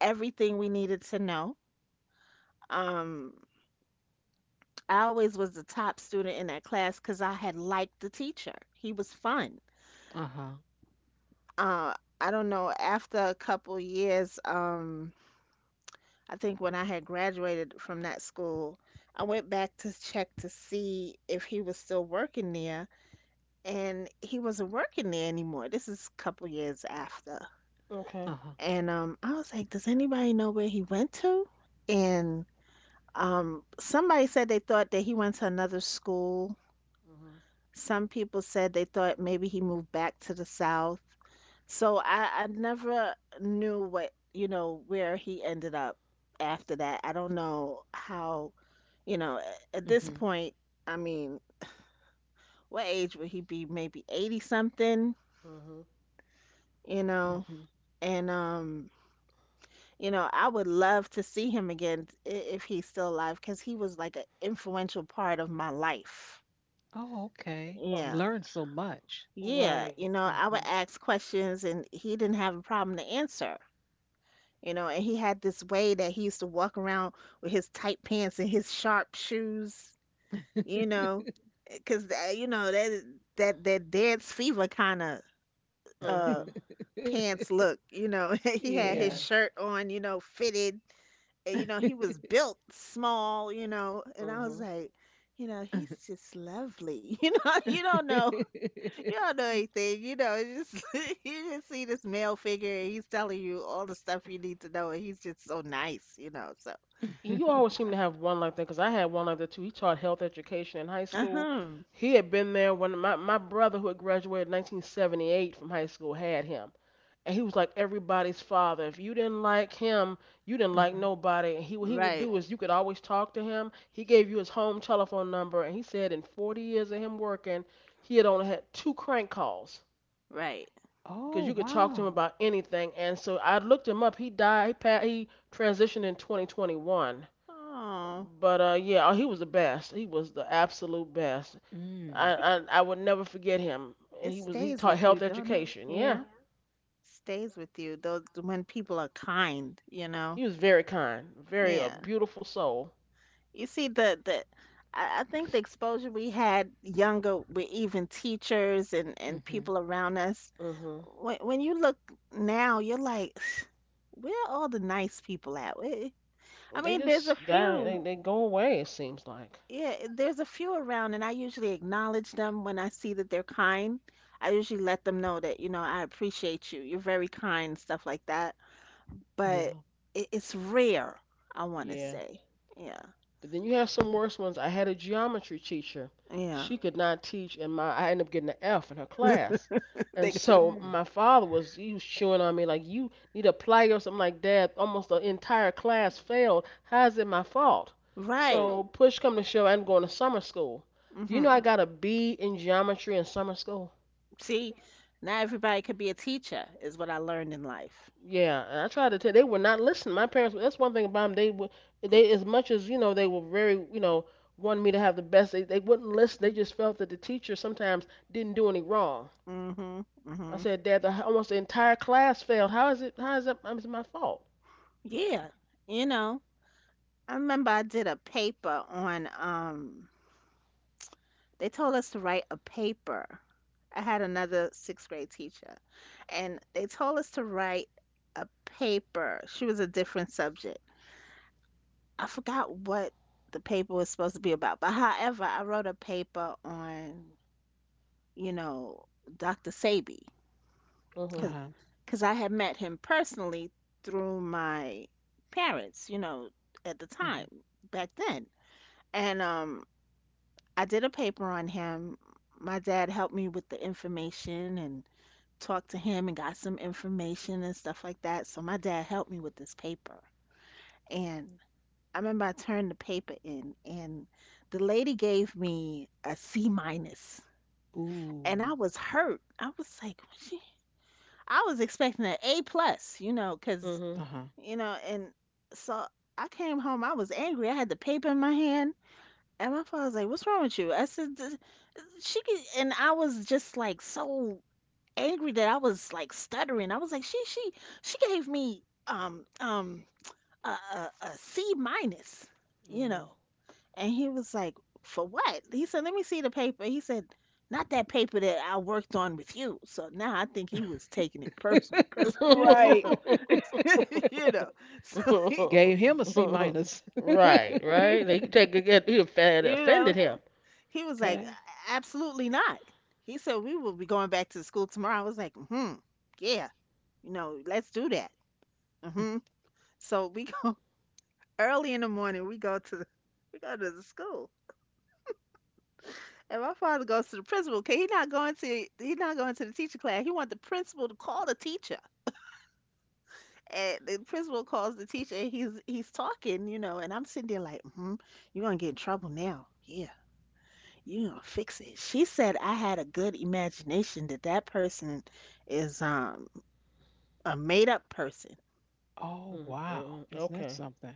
everything we needed to know. Um, I always was the top student in that class because I had liked the teacher. He was fun.
Uh huh.
Uh, I don't know, after a couple years, I think when I had graduated from that school, I went back to check to see if he was still working there, and he wasn't working there anymore. This is a couple years after.
Uh
Okay.
huh.
And I was like, does anybody know where he went to? And somebody said they thought that he went to another school.
Mhm.
Some people said they thought maybe he moved back to the South. So I never knew what, you know, where he ended up after that. I don't know how, you know, at this
Mhm.
point, I mean, what age would he be? Maybe 80 something,
Mhm.
you know?
Mhm.
And, you know, I would love to see him again if he's still alive because he was like an influential part of my life.
Oh, okay.
Uh,
You
Yeah.
learn so much.
Yeah.
right.
You know, I would
Mhm.
ask questions and he didn't have a problem to answer. You know, and he had this way that he used to walk around with his tight pants and his sharp shoes, you know, because you know that that dance fever kind of uh
Mhm.
pants look, you know, he had
Yeah.
his
Yeah.
shirt on, you know, fitted, and you know he was built small, you know, and I was
Mhm.
like. You know, he's just lovely. You know, you don't know, you don't know anything. You know, it's just you just see this male figure, and he's telling you all the stuff you need to know, and he's just so nice. You know, so
And you always
Uh-huh.
seem to have one like that because I had one like that too. He taught health education in high school.
Uh-huh.
He had been there when my brother, who had graduated 1978 from high school, had him. And he was like everybody's father. If you didn't like him, you didn't like nobody. And he, what he would
Right,
do is you could always talk to him. He gave you his home telephone number, and he said in 40 years of him working, he had only had two crank calls
right.
because
Oh,
you could talk to him
wow.
about anything. And so I looked him up. He died. He transitioned in 2021.
Oh,
But yeah, oh, he was the best. He was the absolute best.
Mm.
it k-
I would never forget him. And
it
he was he
stays
taught
with you,
health
don't it?
education. Yeah,
Yeah, stays with you. Those when people are kind, you know.
he was very kind, very a
Yeah.
beautiful soul.
You see the I think the exposure we had younger with even teachers and
Mhm.
people around us.
Mhm.
When you look now, you're like, where are all the nice people at? Where- I
They
mean, there's a
just die.
few.
They go away. It seems like.
Yeah, eh, there's a few around, and I usually acknowledge them when I see that they're kind. I usually let them know that, you know, I appreciate you. You're very kind, stuff like that.
Yeah.
But it's rare, I want to
Yeah.
say. Yeah,
But then you have some worse ones. I had a geometry teacher.
yeah.
She could not teach, and my I ended up getting an F in her class. And
They
so
Mm.
my father was he was chewing on me like you need to apply yourself. I'm like, Dad, almost the entire class failed. How is it my fault?
Right.
So push come to shove, I'm going to summer school. Do you know I
Hmm.
got a B in geometry in summer school?
See, not everybody could be a teacher, is what I learned in life.
Yeah, and I tried to tell. They would not listen. My parents. That's one thing about them. They would. They as much as you know. They were very. You know, wanted me to have the best. They wouldn't listen. They just felt that the teacher sometimes didn't do any wrong.
Hmm.
I
Hmm.
said, Dad, the, almost the entire class failed. How is it? How is that? How is it my fault?
Yeah. You know, I remember I did a paper on they told us to write a paper. I had another sixth grade teacher, and they told us to write a paper. She was a different subject. I forgot what the paper was supposed to be about, but however, I wrote a paper on, you know, Dr. Sabi,
Mhm.
Uh-huh.
because I had met him personally through my parents, you know, at the
Mhm.
time, back then. And I did a paper on him. My dad helped me with the information and talked to him and got some information and stuff like that. So my dad helped me with this paper. And I remember I turned the paper in and the lady gave me a C minus. And
Ooh.
I was hurt. I was like, "What she I was expecting an A plus, you know, 'cause
Mhm.
Uh-huh.
you know, and so I came home. I was angry. I had the paper in my hand, and my father was like, "What's wrong with you?" I said, "She," could, and I was just like so angry that I was like stuttering. I was like, she she gave me a C minus, you
Mhm.
know. And he was like, for what? He said, let me see the paper. He said, not that paper that I worked on with you. So now I think he was taking it personal because you
Right.
know, you know. So he
Gave him a C minus.
Right.
he's
Right. They could take it. He offended,
you
offended
know
him.
he was like,
Okay.
absolutely not. He said we will be going back to school tomorrow. I was like, hmm, yeah, you know, let's do that. Hmm. So we go early in the morning. We go to we go to the school, and my father goes to the principal. 'Cause he not going to the teacher class. He want the principal to call the teacher, and the principal calls the teacher. And he's talking, you know, and I'm sitting there like, hmm, you're gonna get in trouble now. Yeah, you're gonna fix it. She said I had a good imagination that person is a made up person.
Oh, wow.
Mm-hmm.
Isn't that
Okay.
something?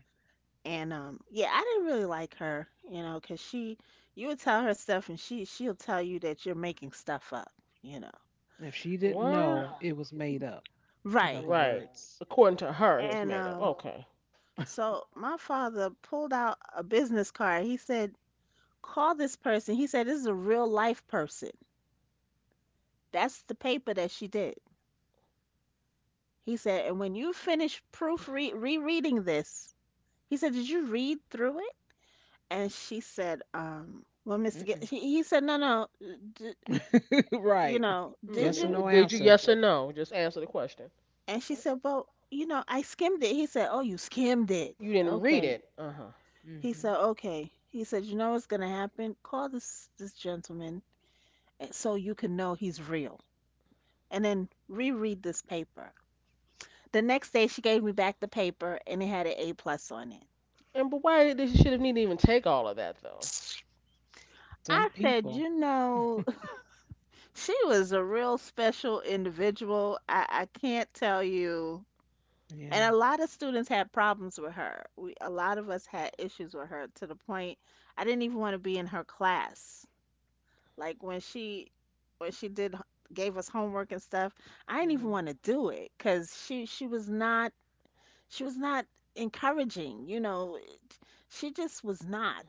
And yeah, I didn't really like her, you know, 'cause she, you would tell her stuff, and she'll tell you that you're making stuff up, you know.
If she didn't know,
Well.
it was made up. In other
Right.
Right.
words,
According to her, it was
And
made up. Okay.
so my father pulled out a business card. He said, "Call this person." He said, "This is a real life person." That's the paper that she did. He said, "And when you finish proofread rereading this," he said, "Did you read through it?" And she said, "Well, Mr. G-,
mm-mm.
he said, no, no, d- you
Right.
know, did
Yes or
you?"
no
Mm, did you
answer.
yes or no? Just answer the question.
And she said, "Well, you know, I skimmed it." He said, "Oh, you skimmed it.
You didn't read
Okay."
it. Uh huh.
He
Mhm.
said, "Okay." He said, "You know what's gonna happen? Call this gentleman so you can know he's real. And then reread this paper." The next day she gave me back the paper and it had an A plus on
And but why did she should have needed to even take all of that though?
it.
Some
I said,
people.
you know, she was a real special individual. I can't tell you.
Yeah.
And a lot of students had problems with her. We, a lot of us had issues with her to the point I didn't even want to be in her class. Like when she did gave us homework and stuff, I didn't even
Hmm.
want to do it because she was not encouraging. You know, she just was not.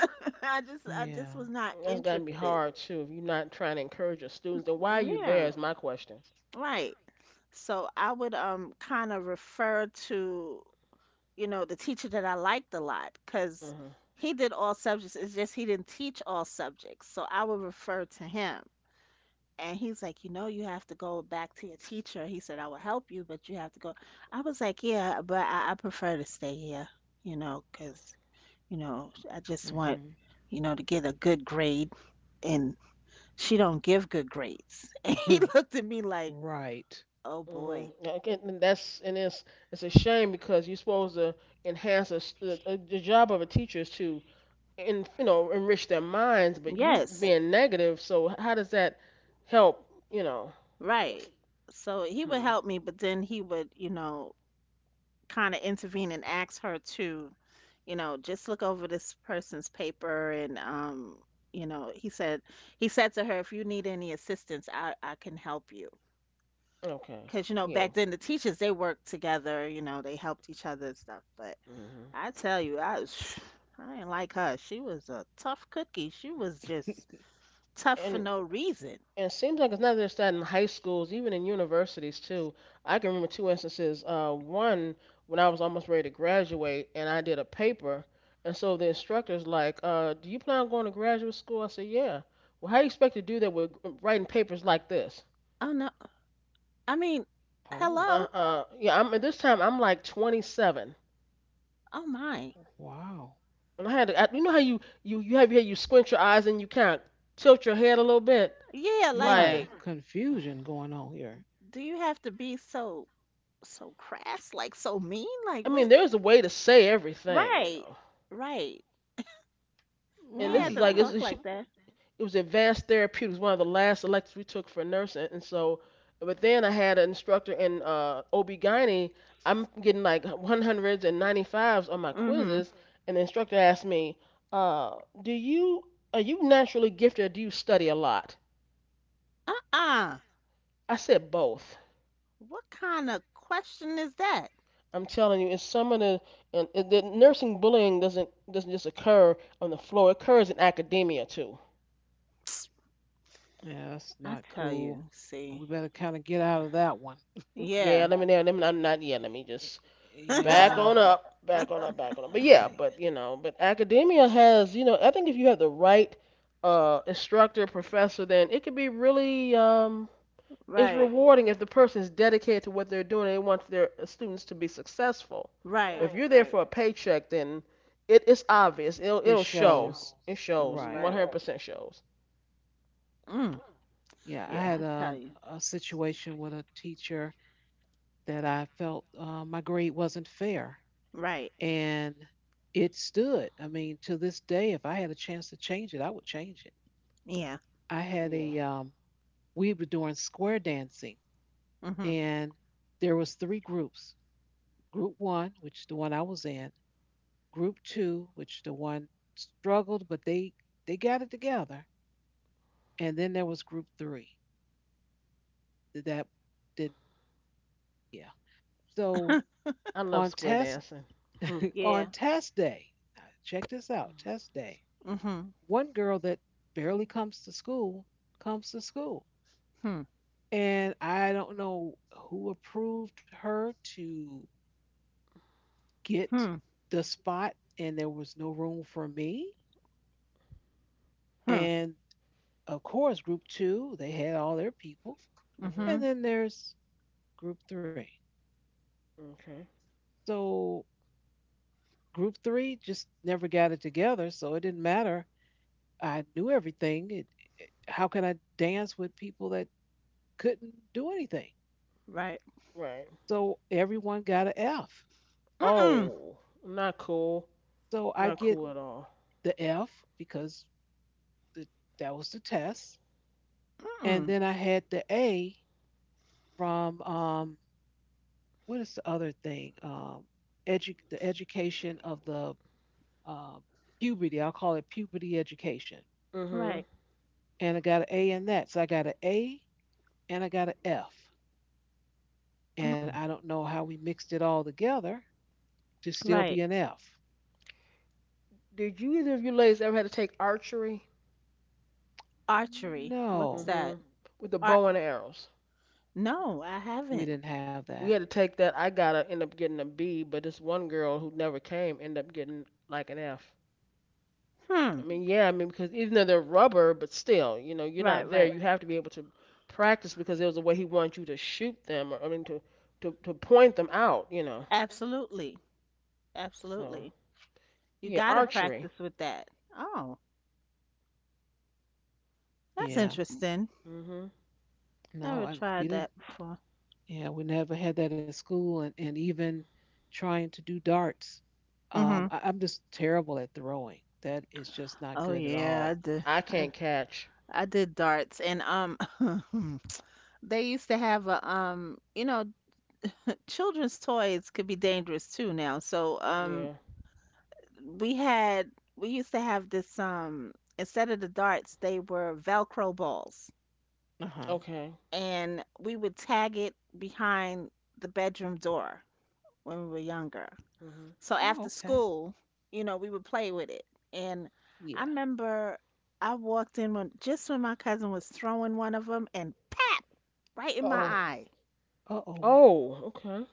I just I
Yeah.
just was not
That's gotta be
interested.
hard too. If you're not trying to encourage your students, then why are you there?
Yeah,
Is my question.
right. So I would kind of refer to, you know, the teacher that I liked a lot because
Mhm.
he did all subjects. It's just he didn't teach all subjects. So I would refer to him. And he's like, "You know, you have to go back to your teacher." He said, "I will help you, but you have to go." I was like, "Yeah, but I prefer to stay here, you know, because, you know, I just want,
Mhm.
you know, to get a good grade. And she don't give good grades." And he looked at me like,
Right.
oh boy.
Mhm. Okay, and that's and it's a shame because you're supposed to enhance a, stu- the job of a teacher is to and you know enrich their minds, but you
Yes,
being negative. So how does that help? You know.
right. So he would
Hmm.
help me, but then he would, you know, kind of intervene and ask her to, you know, just look over this person's paper and you know, he said to her, "If you need any assistance, I can help you."
Okay.
'Cause you know,
Yeah.
back then the teachers they worked together, you know, they helped each other and stuff. But
Mhm.
I tell you, I didn't like her. She was a tough cookie. She was just tough for
And
no reason.
and it seems like it's not just that in high schools, even in universities too. I can remember two instances. One when I was almost ready to graduate, and I did a paper, and so the instructor's like, "Do you plan on going to graduate school?" I said, "Yeah." Well, how you expect to do that with writing papers like this?
Oh no, I mean,
Oh.
hello.
Yeah. I'm at this time. I'm like 27,
Oh my.
Wow.
and I had to. I, you know how you have here you squint your eyes and you kind of tilt your head a little bit,
Yeah, like,
Right.
like.
Confusion going on here.
do you have to be so so crass, like so mean, like
I mean,
what?
there's a way to say everything, you
Right,
know.
right.
And
Yeah,
this is
Right.
to
like it's,
talk
it sh-
like that.
it was advanced therapeutics, one of the last electives we took for nursing. And so, but then I had an instructor in OB/GYN. I'm getting like 100s and 95s on my
Mm-hmm.
quizzes, and the instructor asked me, "Do you are you naturally gifted or do you study a lot?"
Uh-uh.
I said both.
What kind of question is that?
I'm telling you, it's some of the and it, the nursing bullying doesn't just occur on the floor. It occurs in academia too.
Yeah, that's
I
not
tell
cool.
you, see.
We better kind of get out of that one.
Yeah,
Yeah.
let me know. Let me, I'm not.
Y-
Yeah, let me
y-
just back
Yeah.
on up, back on up, back on up. But
Uh,
yeah, but you know, but academia has, you know, I think if you have the right instructor, professor, then it can be really, it's
Right,
rewarding if the person is dedicated to what they're doing and they want their students to be successful.
right,
If you're there
right,
for a paycheck, then it's obvious. It'll
it
it'll show.
shows.
It shows.
Right.
right.
100% shows.
Mm,
Yeah, I
Yeah,
had
I tell you.
a situation with a teacher that I felt my grade wasn't fair,
Right.
and it stood. I mean, to this day, if I had a chance to change it, I would change it.
Yeah.
I had
yeah.
a we were doing square dancing,
Mm-hmm.
and there was three groups. Group one, which the one I was in, group two, which the one struggled, but they got it together, and then there was group three that did, yeah. So
I love
on
square
test,
dancing.
Yeah.
on test day, check this out, test day.
Mm-hmm.
One girl that barely comes to school comes to school.
Hmm.
And I don't know who approved her to get
Hmm.
the spot, and there was no room for me.
Hmm.
And of course, group two, they had all their people.
Mm-hmm.
And
Mm-hmm.
then there's group three.
Okay.
So group three just never got it together. So it didn't matter. I knew everything. It- how can I dance with people that couldn't do anything?
Right.
Right.
So everyone got an F.
Mm-mm.
Oh, not cool.
So I
Not
get
cool at all.
the F because the, that was the test. And
Mm-mm.
then I had the A from what is the other thing? The education of the uh, puberty. I'll call it puberty education.
Mm-hmm.
Right.
And I got an A in that. So I got an A and I got an F. And
Mm-mm.
I don't know how we mixed it all together to still
Right.
be an F.
Did you either of you ladies ever had to take archery?
Archery. What's
No,
Mm-hmm.
that?
With the bow and arrows.
No, I
we
haven't.
didn't have that.
We had to take that. I gotta end up getting a B, but this one girl who never came ended up getting like an F.
Hmm.
I mean, yeah, I mean because even though they're rubber, but still, you know, you're
Right,
not there.
right.
You have to be able to practice because there was a way he wanted you to shoot them, or I mean to point them out, you know.
Absolutely.
So
Absolutely. You
yeah,
gotta
archery.
practice with that. Oh, that's
Yeah,
interesting.
Hmm.
no,
Never
I, we
tried
didn't.
that before.
Yeah, we never had that in school. And even trying to do darts,
Mm-hmm.
I, I'm just terrible at throwing. That is just not
Oh
good at
yeah, I
all.
did.
I
I,
can't catch.
I did darts, and they used to have a you know, children's toys could be dangerous too now. So
Yeah.
we had we used to have this instead of the darts, they were Velcro balls.
Uh huh.
Okay.
And we would tag it behind the bedroom door when we were younger.
Mhm.
So
Oh,
after
okay.
school, you know, we would play with it. And I
Yeah.
remember I walked in when just when my cousin was throwing one of them and pap right in my
Oh.
eye.
Uh oh.
Oh. Okay.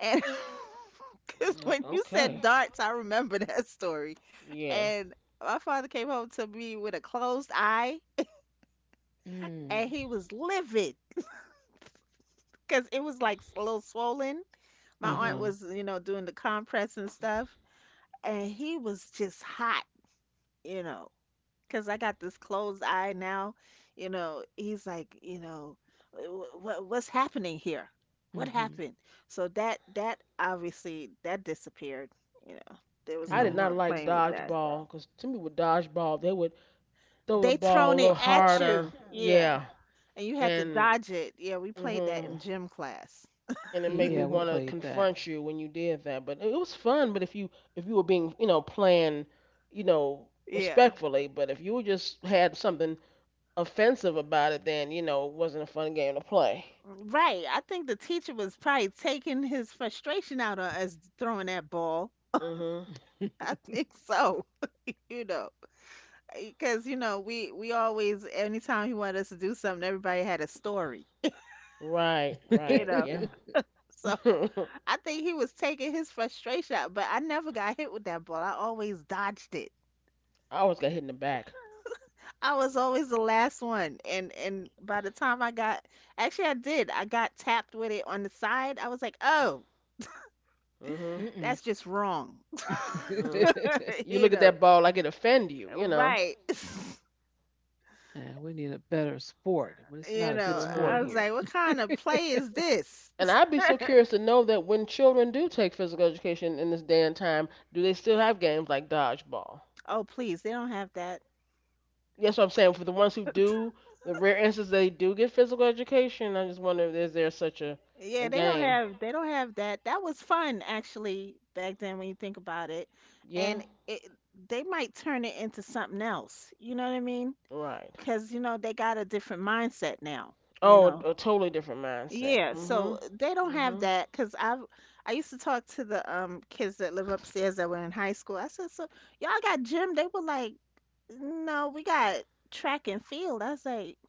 And because when you said
Okay.
darts, I remember that story.
Yeah.
And my father came home to me with a closed eye
Mm.
and he was livid because it was like a little swollen,
Uh
my
huh.
aunt
Mhm.
was, you know, doing the compress and stuff, and he was just hot, you know, 'cause I got this closed eye now, you know. He's like, you know, what's happening here? What
Hmm.
happened? So that obviously that disappeared, you know. There was
I
Yeah.
no
did not
more
like
playing with that.
dodgeball because to me with dodgeball they would throw the
They
ball
thrown
a
it
little
at
harder.
you, yeah,
Yeah.
and you had to
And
dodge it. Yeah, we played that
mhm.
in gym class.
And it made
Yeah,
me
we
want to
played that.
confront you when you did that. But it was fun. But if you were being, you know, playing, you know,
Yeah.
respectfully, but if you just had something offensive about it, then you know it wasn't a fun game to play.
Right. I think the teacher was probably taking his frustration out on us throwing that ball.
Hmm.
I think so. You know, because you know we always anytime he wanted us to do something, everybody had a story.
Right,
You
right.
know,
Yeah.
so
I
I think he was taking his frustration out. But I never got hit with that ball. I always dodged it.
always got hit in the back.
I was always the last one. And by the time I got, actually I did. I got tapped with it on the side. I was like, oh,
Mhm.
Mm-mm.
that's just wrong.
Mhm. You
you
look at
know.
that ball like it offend you, you know.
Right.
Yeah, we need a better sport. Well, it's
you
not a good
know,
sport
I
Mhm.
was
here.
like, what kind of play is this?
And I'd be so curious to know that when children do take physical education in this day and time, do they still have games like dodgeball?
Oh, please, they don't have that.
That's what I'm saying. For the ones who do, the rare instances they do get physical education, I just wonder if is there such a
Yeah, they don't
game?
have they don't have that. That was fun actually back then when you think about it.
Yeah.
And it, they might turn it into something else. You know what I mean?
Right.
'Cause you know they got a different mindset now, you
Oh,
know.
a totally different mindset.
Yeah, so
Mhm.
they don't have
Mhm.
that because 'cause I used to talk to the kids that live upstairs that were in high school. I said, "So y'all got gym?" They were like, "No, we got track and field." I was like,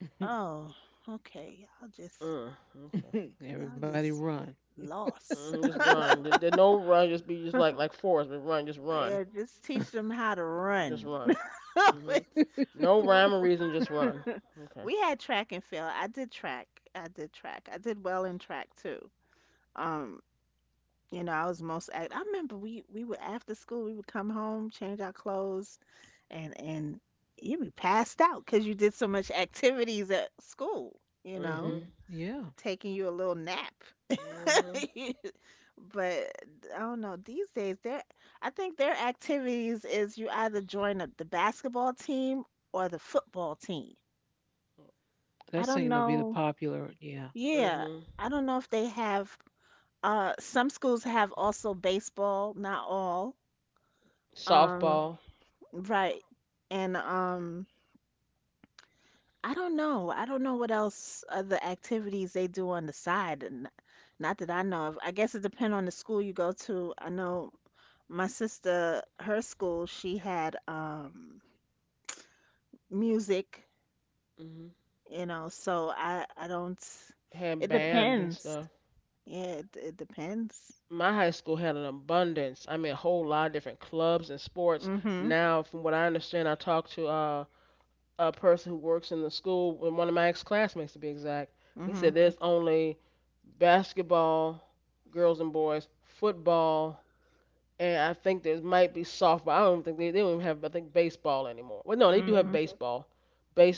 oh, okay. Y'all just,
Mm. Okay.
y'all
Everybody
just
run.
lost.
Hmm, just run. There no run. Just be just like Forrest, but run. Just run.
Yeah, just teach them how to
Just
run.
run. Hmm.
It's-
No
w-
rhyme or
w-
reason. Just run. Okay.
we had track and field. I did track. I did track. I did well in track too. Um, you know, I was most act. I remember we would after school we would come home, change our clothes, and you'd be passed out because you did so much activities at school. You know,
Hmm.
Hmm. Yeah,
taking you a little nap.
Hmm.
But I don't know. These days, their I think their activities is you either join the basketball team or the football team. I
that
don't
seemed to be the
know.
popular. Yeah,
Yeah,
Hmm.
I don't know if they have. Some schools have also baseball, not all. Um,
Softball.
right. And I don't know. I don't know what else other activities they do on the side. And not that I know of. I guess it depends on the school you go to. I know my sister, her school, she had music,
Hmm.
you know, so I don't,
Had
it
band and
depends.
stuff.
Yeah, it depends.
My high school had an abundance. I mean, a whole lot of different clubs and sports.
Mhm.
Now, from what I understand, I talked to a person who works in the school, one of my ex-classmates to be exact. He said
Mhm.
there's only basketball, girls and boys, football, and I think there might be softball. I don't think they don't even have I think baseball anymore. Well, no, they do have, mhm,
Mhm.
baseball,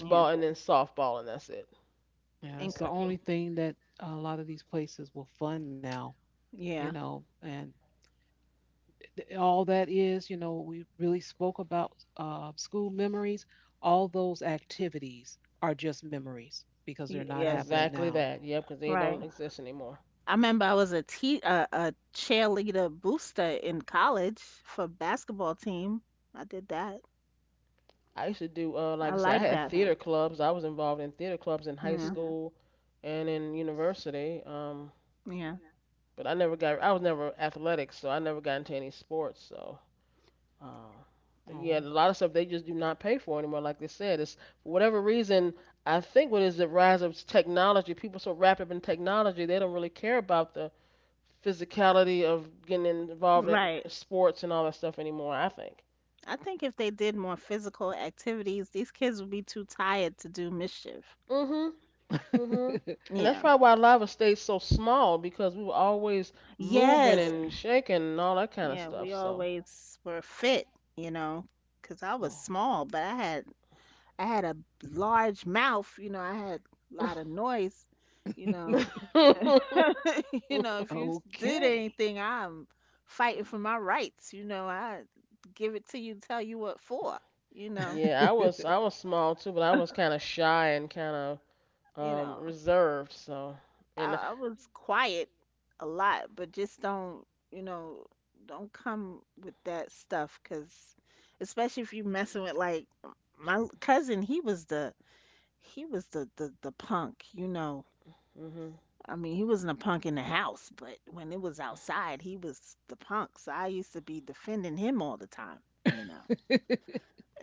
Yeah.
and then softball and that's it.
yeah,
And,
that's the only thing that a lot of these places will fund now. You
yeah.
know, and all that is, you know, we really spoke about school memories. All those activities are just memories because they're
E-,
not
Yes,
happening
exactly
now.
that, yep, because they
right.
don't exist anymore.
I remember I was a cheerleader booster in college for basketball team. I did that.
I used to do like
I
I said, I,
like
yeah, had
that.
theater clubs. I was involved in theater clubs in high, yeah,
Yeah.
school and in university.
Yeah.
But I never got I was never athletic, so I never got into any sports. So. Uh, but yeah, a
Oh.
lot of stuff they just do not pay for anymore. Like they said, it's for whatever reason. I think what is the rise of technology? People so wrapped up in technology, they don't really care about the physicality of getting involved in
Right.
sports and all that stuff anymore. I think.
I think if they did more physical activities, these kids would be too tired to do mischief.
Mhm. Mhm. And that's
Yeah.
probably why a lot of us stayed so small because we were always moving
Yes.
and shaking and all that kind of
Yeah,
stuff.
we
So.
always were fit, you know, 'cause I was
Well.
small, but I had a large mouth, you know, I had a lot of noise, you know. You know, if you did
Okay.
anything, I'm fighting for my rights, you know. I give it to you, tell you what for, you know.
Yeah, I was I was small too, but I was kind of shy and kind of
You know.
reserved so and
I was quiet a lot, but just don't, you know, don't come with that stuff, cause especially if you messing with like my cousin, he was the punk, you know.
hmm
I mean, he wasn't a punk in the house, but when it was outside, he was the punk. So I used to be defending him all the time, you know.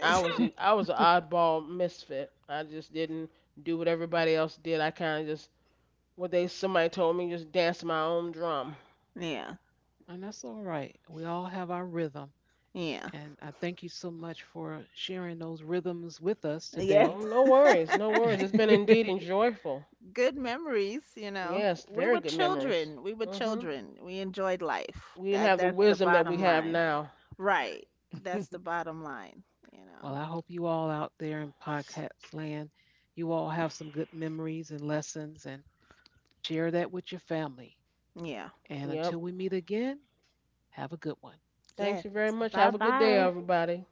I was an oddball misfit. I just didn't do what everybody else did. I kind of just what they somebody told me just dance my own drum.
Yeah,
And that's all right. We all have our rhythm.
yeah,
And I thank you so much for sharing those rhythms with us
yes,
Oh,
today.
no worries, no worries. It's been indeed enjoyable.
good memories, you know.
Yes,
We
very
were
good memories.
children. We were
Mhm.
children. We enjoyed life.
We didn't
That
have the
that's the
wisdom that we
bottom
have
line.
now.
Right.
Well,
That's the bottom line, you know.
I hope you all out there in podcast land, you all have some good memories and lessons, and share that with your family.
Yeah.
And until
Yep.
we meet again, have a good one.
Thanks
Yes.
you very much. Have a good day,
Bye-bye.
everybody.